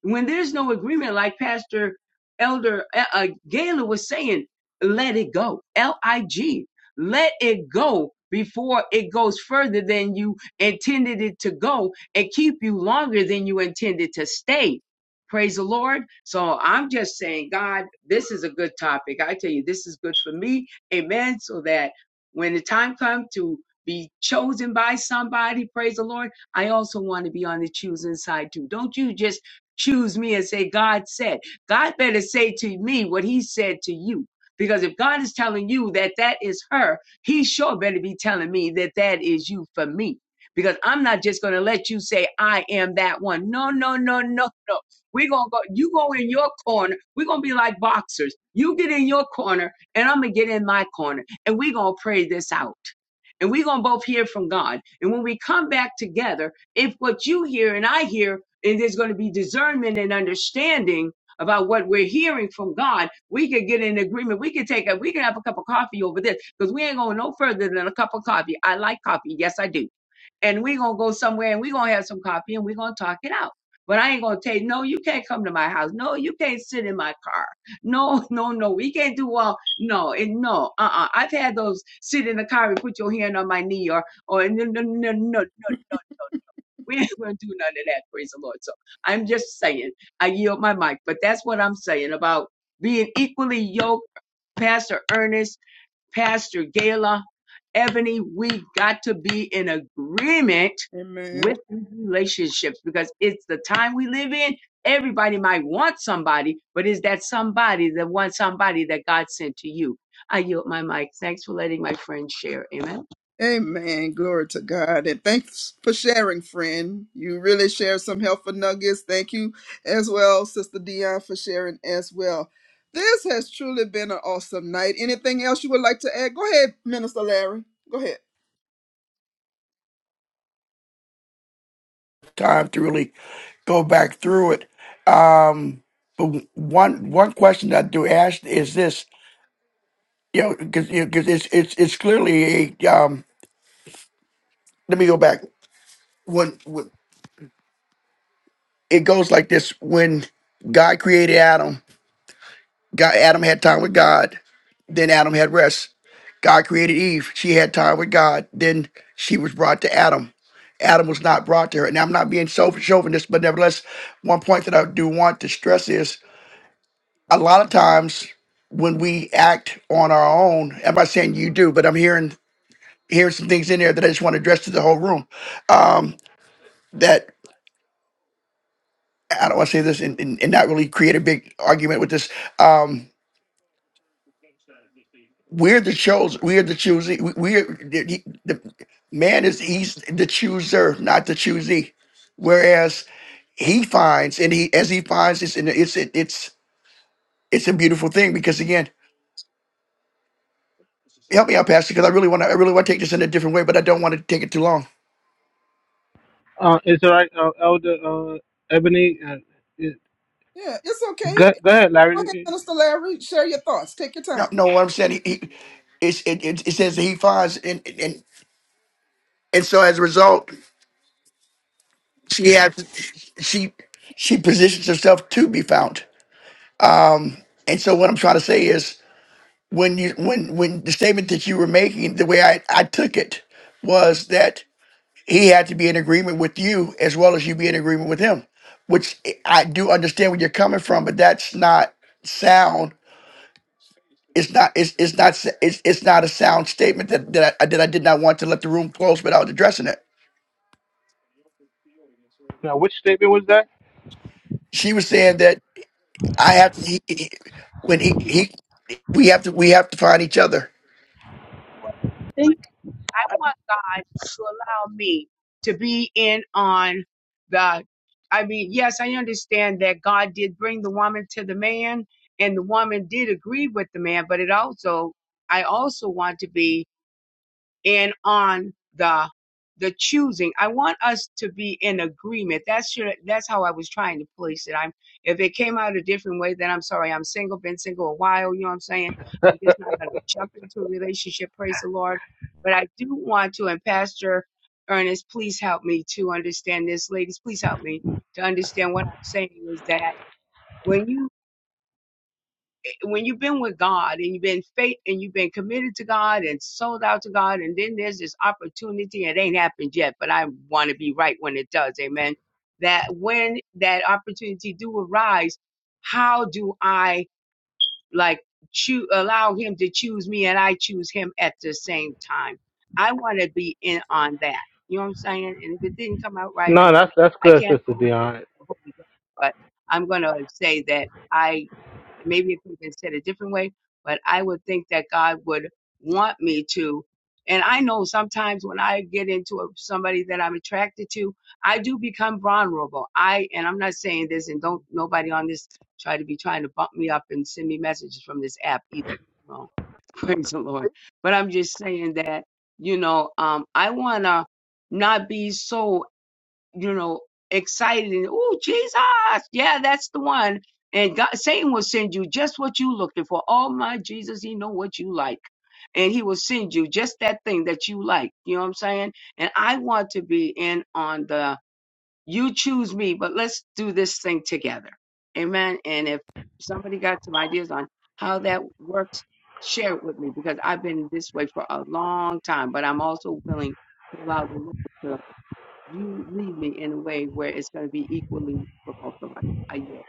[SPEAKER 11] when there's no agreement, like Pastor Elder uh, uh, Gaylor was saying, let it go. L I G. Let it go before it goes further than you intended it to go and keep you longer than you intended to stay. Praise the Lord. So I'm just saying, God, this is a good topic. I tell you, this is good for me. Amen. So that when the time comes to be chosen by somebody, praise the Lord, I also want to be on the choosing side too. Don't you just choose me and say, God said. God better say to me what he said to you. Because if God is telling you that that is her, he sure better be telling me that that is you for me. Because I'm not just going to let you say, I am that one. No, no, no, no, no. We're going to go, you go in your corner. We're going to be like boxers. You get in your corner and I'm going to get in my corner and we're going to pray this out. And we're going to both hear from God. And when we come back together, if what you hear and I hear, and there's going to be discernment and understanding about what we're hearing from God, we could get in agreement. We could take a, we could have a cup of coffee over this because we ain't going no further than a cup of coffee. I like coffee. Yes, I do. And we're going to go somewhere and we're going to have some coffee and we're going to talk it out. But I ain't going to tell you, no, you can't come to my house. No, you can't sit in my car. No, no, no. We can't do all. No, and no. Uh-uh. I've had those sit in the car and put your hand on my knee or, or no, no, no, no, no. no. We ain't gonna do none of that, praise the Lord. So I'm just saying, I yield my mic, but that's what I'm saying about being equally yoked, Pastor Ernest, Pastor Gala, Ebony, we got to be in agreement
[SPEAKER 1] Amen.
[SPEAKER 11] with these relationships because it's the time we live in. Everybody might want somebody, but is that somebody the one somebody that God sent to you? I yield my mic. Thanks for letting my friend share. Amen.
[SPEAKER 1] Amen. Glory to God. And thanks for sharing, friend. You really shared some helpful nuggets. Thank you as well, Sister Dion, for sharing as well. This has truly been an awesome night. Anything else you would like to add? Go ahead, Minister Larry. Go ahead.
[SPEAKER 4] Time to really go back through it. Um, but one one question that I do ask is this. Yeah, know, because because it's it's it's clearly a um. Let me go back. When, when it goes like this, when God created Adam, God Adam had time with God. Then Adam had rest. God created Eve. She had time with God. Then she was brought to Adam. Adam was not brought to her. Now I'm not being so chauvinist, but nevertheless, one point that I do want to stress is a lot of times when we act on our own. I'm not saying you do, but I'm hearing here's some things in there that I just want to address to the whole room. Um, that I don't want to say this and, and, and not really create a big argument with this. Um, we're the chose. We are the choosy. We, we are the, he- the man is he's the chooser, not the choosy. Whereas he finds and he as he finds it's and it's it, it's it's a beautiful thing because again, help me out, Pastor, because I really want to I really want to take this in a different way, but I don't want to take it too long.
[SPEAKER 9] Uh, is it all right, uh, Elder uh, Ebony? Uh, it,
[SPEAKER 1] Yeah, it's
[SPEAKER 9] go,
[SPEAKER 1] okay.
[SPEAKER 9] go ahead,
[SPEAKER 1] Go ahead,
[SPEAKER 9] Larry.
[SPEAKER 1] Minister Larry. Share your thoughts. Take your
[SPEAKER 4] No,
[SPEAKER 1] time.
[SPEAKER 4] no, what I'm saying, he, he it's, it, it, it says that he finds and, and And so as a result, she has she she positions herself to be found. And so what I'm trying to say is when you when when the statement that you were making, the way I, I took it was that he had to be in agreement with you as well as you be in agreement with him. Which I I do understand where you're coming from, but that's not sound. It's not it's it's not s- it's, it's not a sound statement that, that I that I did not want to let the room close without addressing it.
[SPEAKER 9] Now, which statement was that?
[SPEAKER 4] She was saying that I have to he, he- when he, he We have to we have to find each other.
[SPEAKER 3] Well, I think
[SPEAKER 11] I want God to allow me to be in on the. I mean, yes, I understand that God did bring the woman to the man, and the woman did agree with the man, but it also, I also want to be and on the the choosing i want us to be in agreement that's your, that's how i was trying to place it i'm if it came out a different way then i'm sorry i'm single been single a while you know what i'm saying i'm just not going to jump into a relationship praise the lord but i do want to and pastor ernest please help me to understand this ladies please help me to understand what i'm saying is that when you when you've been with God and you've been faith and you've been committed to God and sold out to God, and then there's this opportunity, it ain't happened yet, but I want to be right when it does, amen. That when that opportunity do arise, how do I like choose allow him to choose me and I choose him at the same time? I want to be in on that. You know what I'm saying? And if it didn't come out right,
[SPEAKER 9] No,
[SPEAKER 11] and then
[SPEAKER 9] that's that's
[SPEAKER 11] I
[SPEAKER 9] good,
[SPEAKER 11] can't,
[SPEAKER 9] Sister Dion.
[SPEAKER 11] but I'm gonna say that. I maybe it could have been said a different way, but I would think that God would want me to. And I know sometimes when I get into a, somebody that I'm attracted to, I do become vulnerable. I and I'm not saying this, and don't nobody on this try to be trying to bump me up and send me messages from this app either. No, praise the Lord. But I'm just saying that you know, um, I wanna not be so you know, excited and oh Jesus, yeah, that's the one. And God, Satan will send you just what you looking for. Oh my Jesus, he know what you like, and he will send you just that thing that you like. You know what I'm saying? And I want to be in on the you choose me, but let's do this thing together. Amen. And if somebody got some ideas on how that works, share it with me because I've been this way for a long time, but I'm also willing to allow the Lord you lead me in a way where it's going to be equally for both of us. I yield.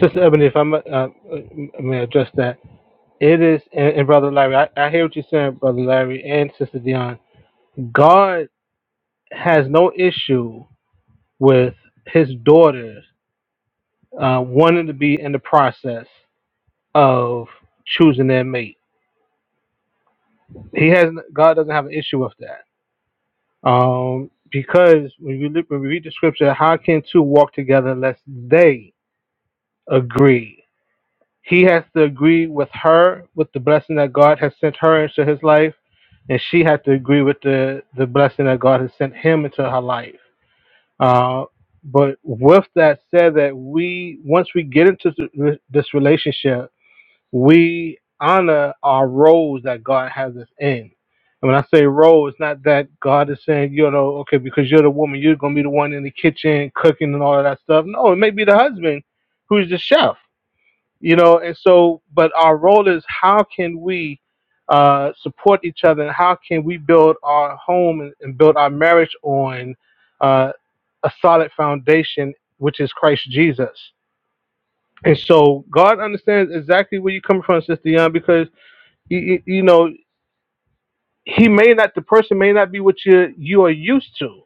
[SPEAKER 9] Sister Ebony, if I may, uh, uh, may address that, it is, and, and Brother Larry, I, I hear what you're saying, Brother Larry and Sister Dion. God has no issue with his daughters uh, wanting to be in the process. of choosing their mate. He has God doesn't have an issue with that. Um, because when you look, when we read the scripture, how can two walk together unless they agree? He has to agree with her with the blessing that God has sent her into his life, and she has to agree with the the blessing that God has sent him into her life. Uh, but with that said, that we once we get into th- this relationship we honor our roles that God has us in. And when I say role, it's not that God is saying, you know, okay, because you're the woman, you're gonna be the one in the kitchen cooking and all of that stuff. No, it may be the husband who's the chef, you know. And so, but our role is how can we uh, support each other, and how can we build our home and, and build our marriage on uh, a solid foundation, which is Christ Jesus. And so God understands exactly where you're coming from, Sister Young, because you, you you know, he may not, the person may not be what you you are used to,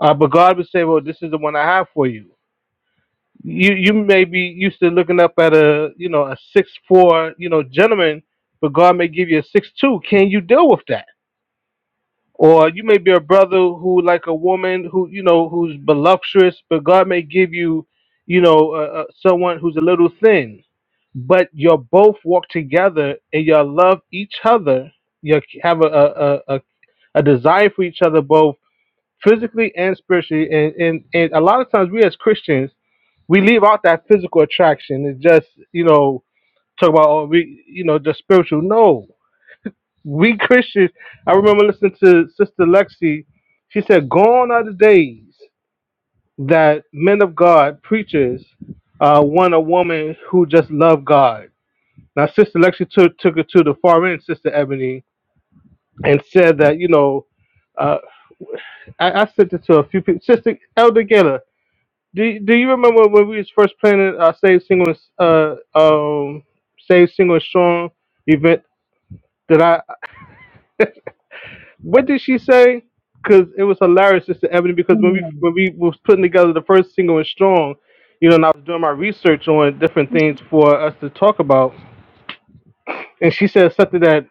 [SPEAKER 9] uh, but God would say, well, this is the one I have for you. You you may be used to looking up at a you know a six four you know gentleman, but God may give you a six two. Can you deal with that? or you may be a brother who like a woman who you know who's voluptuous but god may give you you know uh, uh, someone who's a little thin but you'll both walk together and you'll love each other you have a a, a, a a desire for each other both physically and spiritually and, and and a lot of times we as christians we leave out that physical attraction it's just you know talk about oh, we you know just spiritual no we Christians, I remember listening to Sister Lexi. She said, "Gone are the days that men of God, preachers, uh, want a woman who just loved God." Now, Sister Lexi took took it to the far end, Sister Ebony, and said that you know, uh, I, I sent it to a few people. Sister Elder Geller, do do you remember when we was first planning our Save Single, and S- uh, um, Save Single and Strong event? What did she say? Because it was hilarious, Sister Ebony. Because when we when we was putting together the first single and strong, you know, and I was doing my research on different things for us to talk about, and she said something that.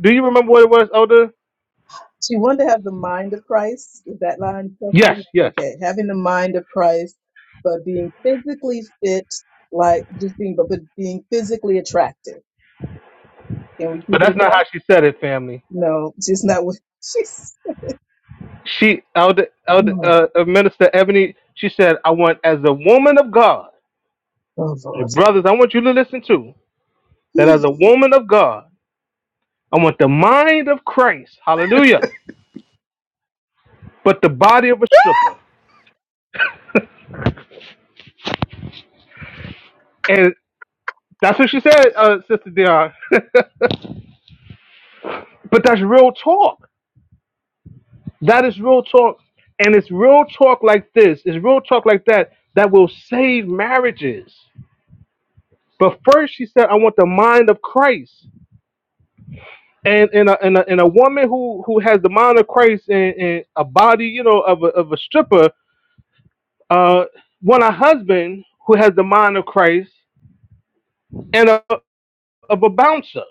[SPEAKER 9] Do you remember what it was, Elder?
[SPEAKER 3] she wanted to have the mind of Christ. Is that line you're talking about?
[SPEAKER 9] Yes, yes.
[SPEAKER 3] Okay, having the mind of Christ, but being physically fit, like just being, but, but being physically attractive. Can we
[SPEAKER 9] But
[SPEAKER 3] keep it
[SPEAKER 9] that's
[SPEAKER 3] at
[SPEAKER 9] not
[SPEAKER 3] that?
[SPEAKER 9] how she said it, family.
[SPEAKER 3] No, just not what she's.
[SPEAKER 9] She Elder Elder
[SPEAKER 3] Oh,
[SPEAKER 9] uh, uh, Minister Ebony. She said, "I want as a woman of God,
[SPEAKER 3] oh Lord.
[SPEAKER 9] and brothers, I want you to listen to that as a woman of God, I want the mind of Christ. Hallelujah." But the body of a stripper. That's what she said, uh, Sister Dion. but that's real talk. That is real talk. And it's real talk like this, it's real talk like that, that will save marriages. But first, she said, I want the mind of Christ. And in a, in a, in a woman who, who has the mind of Christ and, and a body, you know, of a, of a stripper, uh, want a husband who has the mind of Christ and a, of a bouncer.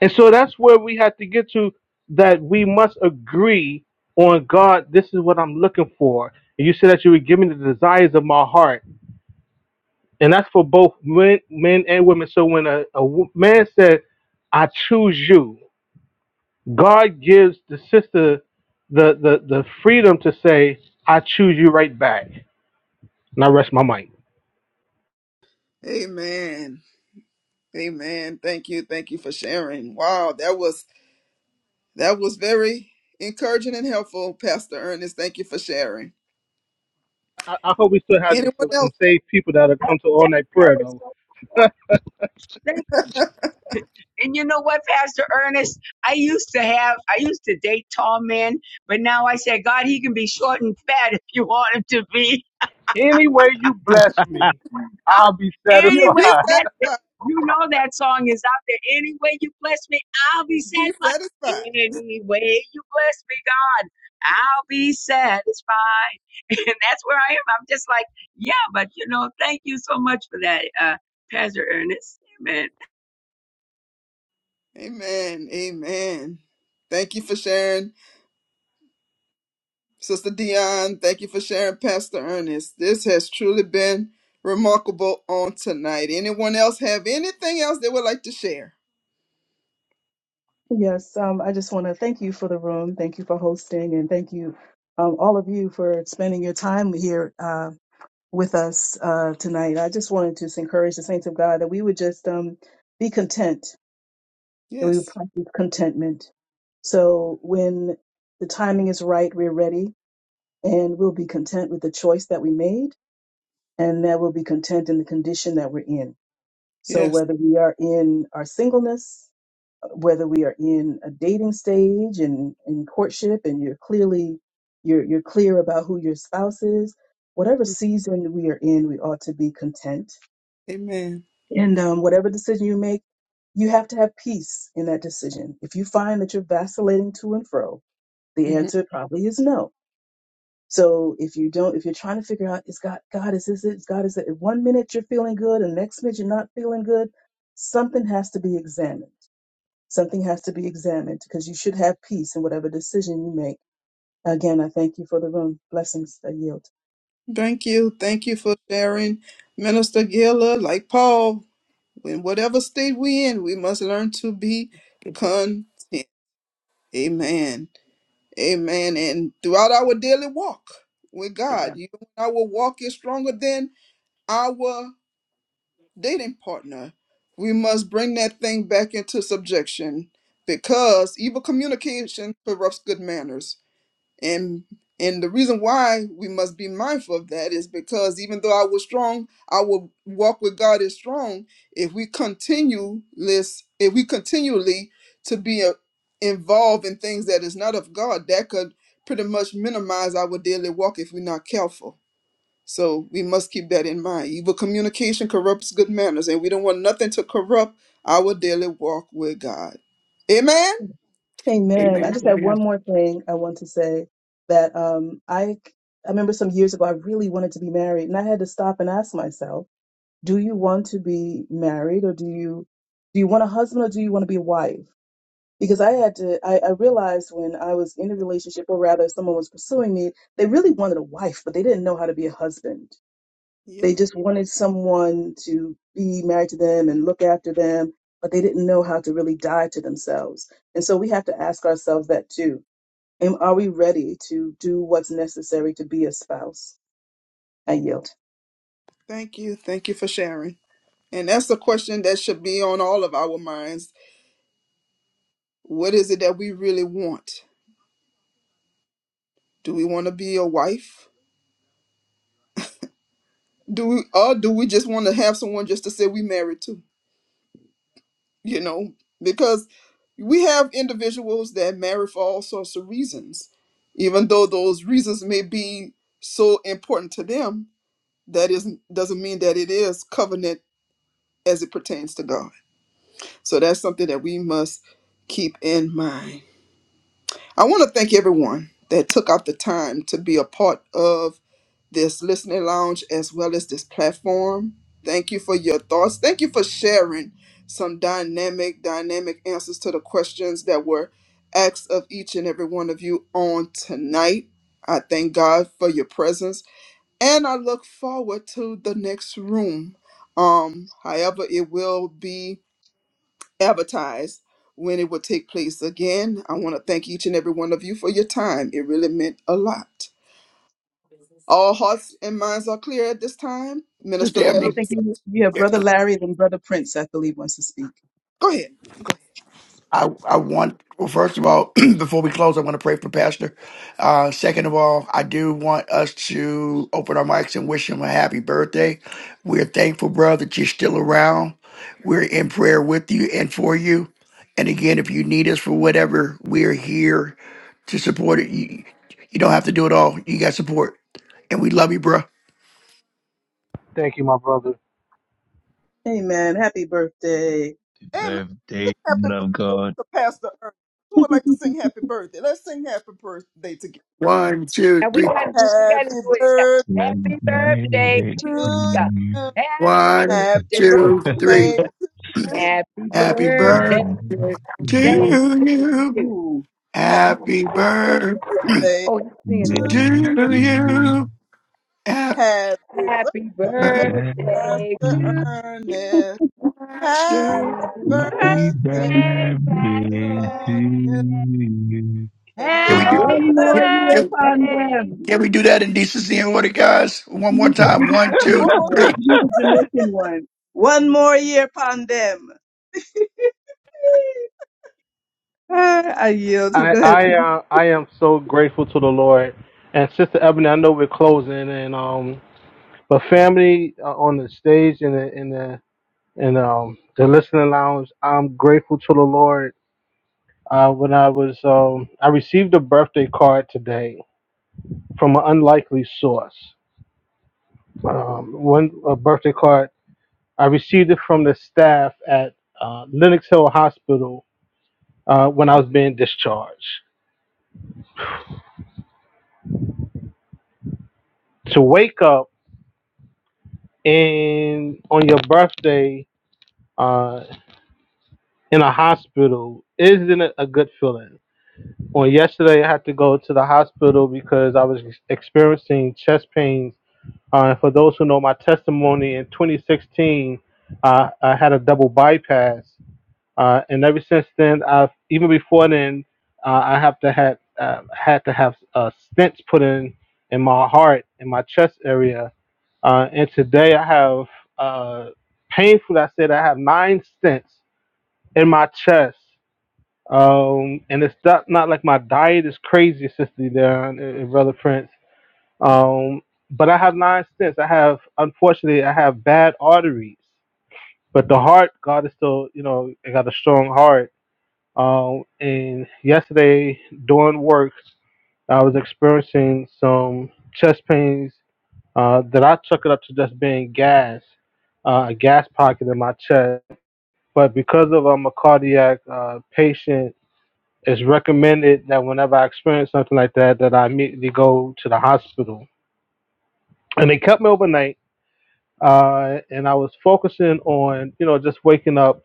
[SPEAKER 9] And so that's where we have to get to that we must agree on God, this is what I'm looking for. And you said that you would give me the desires of my heart. And that's for both men, men and women. So when a, a wo- man said, I choose you, God gives the sister the, the, the freedom to say, I choose you right back. And I rest my mind.
[SPEAKER 1] Amen. Amen. Thank you. Thank you for sharing. Wow, that was That was very encouraging and helpful, Pastor Ernest. Thank you for sharing.
[SPEAKER 9] I, I hope we still have
[SPEAKER 1] Anyone
[SPEAKER 9] some, some
[SPEAKER 1] else?
[SPEAKER 9] saved people that'll come to all night
[SPEAKER 11] That
[SPEAKER 9] prayer,
[SPEAKER 11] was
[SPEAKER 9] though.
[SPEAKER 11] so thank and you know what, Pastor Ernest? I used to have I used to date tall men, but now I say, God, he can be short and fat if you want him to be.
[SPEAKER 9] Any way you bless me,
[SPEAKER 11] I,
[SPEAKER 9] I'll be
[SPEAKER 1] Yeah,
[SPEAKER 9] satisfied.
[SPEAKER 1] be
[SPEAKER 11] anyway, that
[SPEAKER 1] satisfied.
[SPEAKER 11] you know that song is out there. Any way you bless me, I'll be
[SPEAKER 1] Be
[SPEAKER 11] satisfied.
[SPEAKER 1] satisfied.
[SPEAKER 11] Any way you bless me, God, I'll be satisfied. And that's where I am. I'm just like, yeah, but you know, thank you so much for that, uh, Pastor Ernest. Amen.
[SPEAKER 1] Amen. Amen. Thank you for sharing. Sister Dion, thank you for sharing, Pastor Ernest. This has truly been remarkable on tonight. Anyone else have anything else they would like to share?
[SPEAKER 3] Yes, um, I just want to thank you for the room. Thank you for hosting, and thank you, um, all of you for spending your time here. Um, with us uh, tonight. I just wanted to just encourage the saints of God that we would just um, be content, that we would
[SPEAKER 1] Yes.
[SPEAKER 3] practice contentment. So when the timing is right, we're ready and we'll be content with the choice that we made and that we'll be content in the condition that we're in. So
[SPEAKER 1] Yes.
[SPEAKER 3] whether we are in our singleness, whether we are in a dating stage and in courtship and you're clearly you're you're clear about who your spouse is, whatever season we are in, we ought to be content
[SPEAKER 1] Amen.
[SPEAKER 3] And um, whatever decision you make, you have to have peace in that decision. If you find that you're vacillating to and fro, the
[SPEAKER 1] Mm-hmm.
[SPEAKER 3] answer probably is no. So if you don't, if you're trying to figure out, is God, God, is this it? Is God, is it? One minute you're feeling good and the next minute you're not feeling good. Something has to be examined. Something has to be examined because you should have peace in whatever decision you make. Again, I thank you for the room. Blessings. I yield.
[SPEAKER 1] Thank you. Thank you for sharing, Minister Gila. Like Paul, in whatever state we in, we must learn to be content. Amen. Amen. And throughout our daily walk with God,
[SPEAKER 4] Amen.
[SPEAKER 1] you know, our walk is stronger than our dating partner. We must bring that thing back into subjection because evil communication corrupts good manners and and the reason why we must be mindful of that is because even though I was strong, I will walk with God is strong. If we continue this, if we continually to be uh, involved in things that is not of God, that could pretty much minimize our daily walk if we're not careful. So we must keep that in mind. Evil communication corrupts good manners, and we don't want nothing to corrupt our daily walk with God. Amen.
[SPEAKER 3] Amen. I
[SPEAKER 4] Amen.
[SPEAKER 3] just had
[SPEAKER 4] Amen.
[SPEAKER 3] one more thing I want to say that um, I I remember some years ago I really wanted to be married, and I had to stop and ask myself, do you want to be married, or do you do you want a husband, or do you want to be a wife? Because I had to, I, I realized when I was in a relationship, or rather, someone was pursuing me, they really wanted a wife, but they didn't know how to be a husband. They
[SPEAKER 1] Yeah.
[SPEAKER 3] just wanted someone to be married to them and look after them, but they didn't know how to really die to themselves. And so we have to ask ourselves that too. Am are we ready to do what's necessary to be a spouse? I yield.
[SPEAKER 1] Thank you. Thank you for sharing. And that's a question that should be on all of our minds What is it that we really want? Do we want to be a wife? Do we or do we just want to have someone just to say we married to? You know, because we have individuals that marry for all sorts of reasons, even though those reasons may be so important to them. That isn't doesn't mean that it is covenant as it pertains to God. So that's something that we must keep in mind. I want to thank everyone that took out the time to be a part of this listening lounge as well as this platform. Thank you for your thoughts. Thank you for sharing some dynamic, dynamic answers to the questions that were asked of each and every one of you on tonight. I thank God for your presence and I look forward to the next room. Um, however, it will be advertised when it would take place again. I want to thank each and every one of you for your time. It really meant a lot. All hearts and minds are clear at this time. Minister
[SPEAKER 4] Sister
[SPEAKER 1] Larry,
[SPEAKER 3] No,
[SPEAKER 4] Ebony,
[SPEAKER 3] thank you. Yeah, brother Larry and brother Prince, I believe, wants to speak.
[SPEAKER 1] go ahead.
[SPEAKER 4] I, I want, well, first of all, before we close, I want to pray for Pastor. Uh, second of all, I do want us to open our mics and wish him a happy birthday. We're thankful, bro, that you're still around. We're in prayer with you and for you. And again, if you need us for whatever, we're here to support it. You, you don't have to do it all. You got support. And we love you, bro.
[SPEAKER 9] Thank you, my brother.
[SPEAKER 3] Amen. Happy birthday.
[SPEAKER 1] And
[SPEAKER 6] birthday man of god
[SPEAKER 1] Pastor Ernest, who ain't happy birthday? Let's sing happy birthday together.
[SPEAKER 4] One, two,
[SPEAKER 11] And we
[SPEAKER 4] three.
[SPEAKER 11] gotta do we gotta do it. Happy
[SPEAKER 6] Birthday
[SPEAKER 11] birthday to ya. Happy
[SPEAKER 4] One,
[SPEAKER 1] Happy
[SPEAKER 11] birthday
[SPEAKER 4] two,
[SPEAKER 11] to
[SPEAKER 4] three.
[SPEAKER 1] birthday
[SPEAKER 11] ya.
[SPEAKER 1] to you.
[SPEAKER 11] Happy
[SPEAKER 4] Happy
[SPEAKER 11] birthday
[SPEAKER 4] birthday to
[SPEAKER 11] day to
[SPEAKER 4] you.
[SPEAKER 11] you.
[SPEAKER 3] Ooh.
[SPEAKER 4] Happy
[SPEAKER 1] Happy
[SPEAKER 4] birthday
[SPEAKER 1] birthday
[SPEAKER 11] Oh, he's singing this.
[SPEAKER 1] to you. Happy birthday to you.
[SPEAKER 4] to you. Happy
[SPEAKER 1] Happy
[SPEAKER 11] Happy
[SPEAKER 1] birthday,
[SPEAKER 4] birthday,
[SPEAKER 6] Birthday
[SPEAKER 11] birthday
[SPEAKER 6] to
[SPEAKER 11] to
[SPEAKER 1] Pastor
[SPEAKER 6] you.
[SPEAKER 11] you.
[SPEAKER 1] Ernest. Happy
[SPEAKER 4] Master.
[SPEAKER 11] Happy
[SPEAKER 6] Happy
[SPEAKER 1] birthday
[SPEAKER 6] birthday
[SPEAKER 11] Birthday, Pastor
[SPEAKER 6] to
[SPEAKER 1] to you.
[SPEAKER 11] Ernest.
[SPEAKER 6] you.
[SPEAKER 1] And may
[SPEAKER 4] Can we do?
[SPEAKER 6] Wow.
[SPEAKER 1] God
[SPEAKER 11] Happy
[SPEAKER 3] One
[SPEAKER 1] bless.
[SPEAKER 3] more
[SPEAKER 4] Can,
[SPEAKER 3] year
[SPEAKER 4] can,
[SPEAKER 3] upon
[SPEAKER 11] birthday
[SPEAKER 3] them.
[SPEAKER 11] to
[SPEAKER 4] can we
[SPEAKER 11] you.
[SPEAKER 4] do that in decency and order, guys? One
[SPEAKER 3] We
[SPEAKER 4] more
[SPEAKER 3] need, the, we
[SPEAKER 4] time.
[SPEAKER 3] need
[SPEAKER 4] One,
[SPEAKER 3] the
[SPEAKER 4] two,
[SPEAKER 1] One
[SPEAKER 3] Jamaican
[SPEAKER 1] more.
[SPEAKER 3] one.
[SPEAKER 4] three.
[SPEAKER 3] We need the Jamaican one. One more year upon them. I yield to
[SPEAKER 9] I
[SPEAKER 3] go ahead.
[SPEAKER 9] I uh, I am so grateful to the Lord. And Sister Ebony, I know we're closing, and um, but family uh, on the stage and the in the and um the listening lounge, I'm grateful to the Lord. Uh, when I was um, I received a birthday card today from an unlikely source. Um, one a birthday card I received it from the staff at uh, Lenox Hill Hospital uh, when I was being discharged. To wake up. and on your birthday uh, in a hospital isn't it a good feeling on yesterday i had to go to the hospital because i was ex- experiencing chest pains uh, and for those who know my testimony in 2016 uh, i had a double bypass uh, and ever since then, I've even before then, uh, I have to had uh, had to have uh, stents put in in my heart in my chest area. Uh, and today, I have uh, painful. I said I have nine stents in my chest. Um, and it's not, not like my diet is crazy, Sister Darren and Brother Prince. Um, but I have nine stents. I have, unfortunately, I have bad arteries. But the heart, God is still, you know, I got a strong heart um, and yesterday, doing work, I was experiencing some chest pains uh, that I took it up to just being gas, uh, a gas pocket in my chest. But because of I'm a cardiac uh, patient, it's recommended that whenever I experience something like that, that I immediately go to the hospital. And they kept me overnight, uh, and I was focusing on, you know, just waking up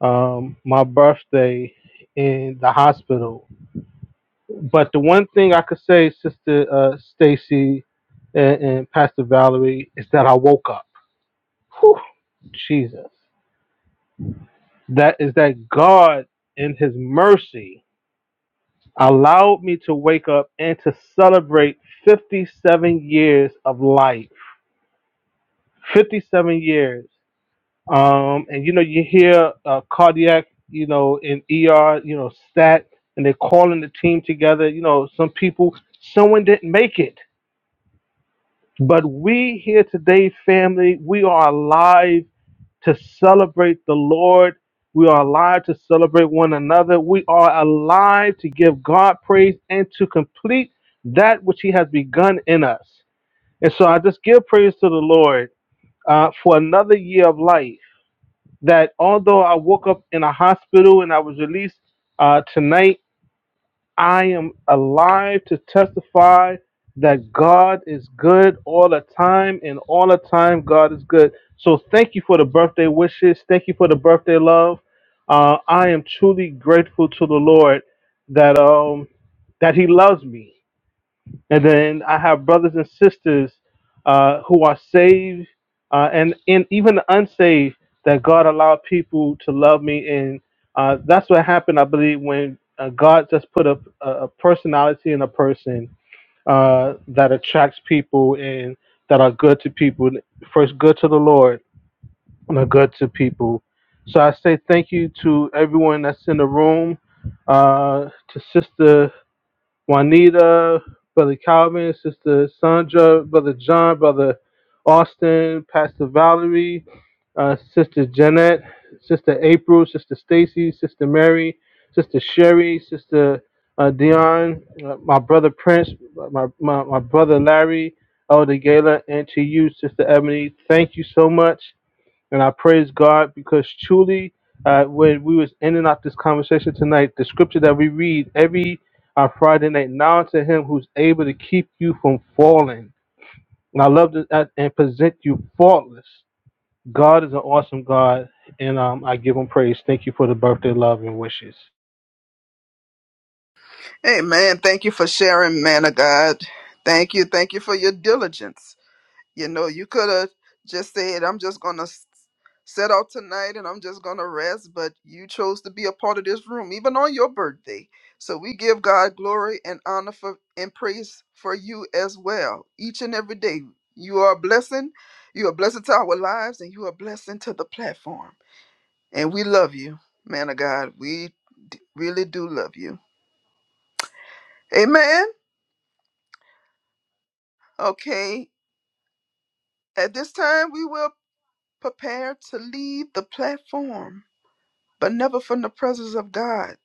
[SPEAKER 9] um, my birthday in the hospital But the one thing I could say, Sister uh, Stacy and, and Pastor Valerie, is that I woke up. Whew, Jesus. That is that God, in His mercy, allowed me to wake up and to celebrate 57 years of life. 57 years. Um, and you know, you hear uh, cardiac, you know, in ER, you know, stat, and they're calling the team together. You know, some people, someone didn't make it But we here today, family, we are alive to celebrate the Lord. We are alive to celebrate one another. We are alive to give God praise and to complete that which He has begun in us. And so I just give praise to the Lord uh, for another year of life. That although I woke up in a hospital and I was released uh, tonight I am alive to testify that God is good all the time, and all the time, God is good. So, thank you for the birthday wishes. Thank you for the birthday love. Uh, I am truly grateful to the Lord that um, that He loves me. And then I have brothers and sisters uh, who are saved uh, and, and even the unsaved that God allowed people to love me. And uh, that's what happened, I believe, when uh, God just put a, a personality in a person uh, that attracts people and that are good to people. First, good to the Lord and are good to people. So I say thank you to everyone that's in the room, uh, to Sister. Juanita, Brother Calvin, Sister Sandra, Brother John, Brother Austin, Pastor Valerie, uh, Sister Jeanette, Sister April, Sister Stacy, Sister Mary, Sister Sherry, Sister uh, Dion, uh, my brother Prince, my, my, my brother Larry, Elder Gala, and to you, Sister Ebony, thank you so much and I praise God because truly, uh, when we was ending up this conversation tonight, the scripture that we read every uh, Friday night, now to Him who's able to keep you from falling, and I love to uh, and present you faultless. God is an awesome God, and um, I give Him praise. Thank you for the birthday love and wishes.
[SPEAKER 1] Amen. Thank you for sharing, man of God. Thank you. Thank you for your diligence. You know, you could have just said, I'm just going to set out tonight and I'm just going to rest, but you chose to be a part of this room, even on your birthday. So we give God glory and honor for and praise for you as well, each and every day. You are a blessing. You are a blessing to our lives and you are a blessing to the platform. And we love you, man of God. We d- really do love you. Amen. Okay. At this time, we will prepare to leave the platform. but never from the presence of God.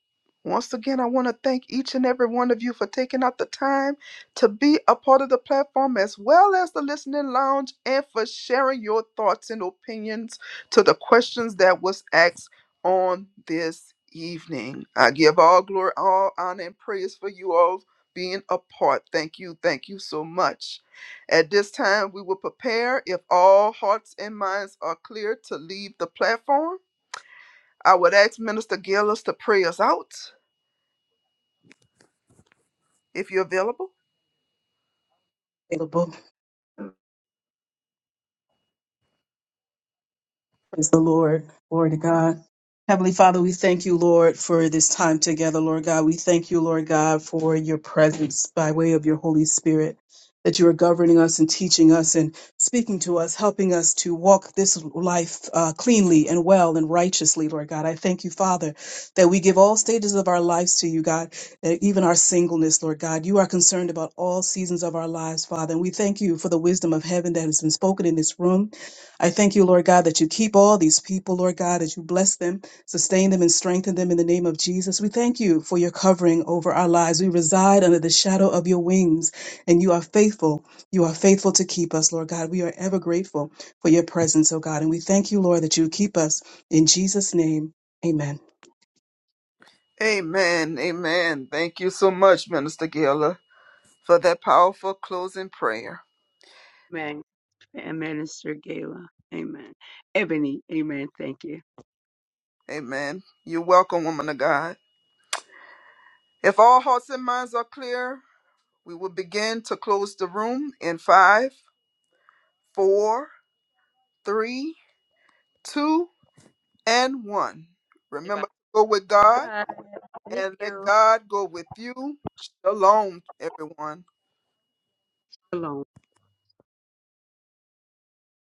[SPEAKER 1] Once again, I want to thank each and every one of you for taking out the time to be a part of the platform as well as the listening lounge and for sharing your thoughts and opinions to the questions that was asked on this evening. I give all glory, all honor, and praise for you all being a part. Thank you. Thank you so much. At this time, we will prepare if all hearts and minds are clear to leave the platform. I would ask Minister Gillis to pray us out if you're available.
[SPEAKER 3] Praise the Lord. Glory to God. Heavenly Father, we thank you, Lord, for this time together, Lord God. We thank you, Lord God, for your presence by way of your Holy Spirit, that you are governing us and teaching us and speaking to us, helping us to walk this life uh, cleanly and well and righteously, Lord God. I thank you, Father, that we give all stages of our lives to you, God, that even our singleness, Lord God. You are concerned about all seasons of our lives, Father. And we thank you for the wisdom of heaven that has been spoken in this room. I thank you, Lord God, that you keep all these people, Lord God, that you bless them, sustain them, and strengthen them in the name of Jesus. We thank you for your covering over our lives. We reside under the shadow of your wings, and you are faithful. You are faithful to keep us, Lord God. We are ever grateful for your presence, oh God. And we thank you, Lord, that you keep us. In Jesus' name, amen.
[SPEAKER 1] Amen. Amen. Thank you so much, Minister Gillis, for that powerful closing prayer.
[SPEAKER 11] Amen. And Minister Gala. Amen. Ebony. Amen. Thank you.
[SPEAKER 1] Amen. You're welcome, woman of God. If all hearts and minds are clear, we will begin to close the room in five, four, three, two, and one. Remember to go with God
[SPEAKER 11] Bye. Thank
[SPEAKER 1] and let
[SPEAKER 11] you.
[SPEAKER 1] God go with you. Shalom, everyone.
[SPEAKER 11] Shalom.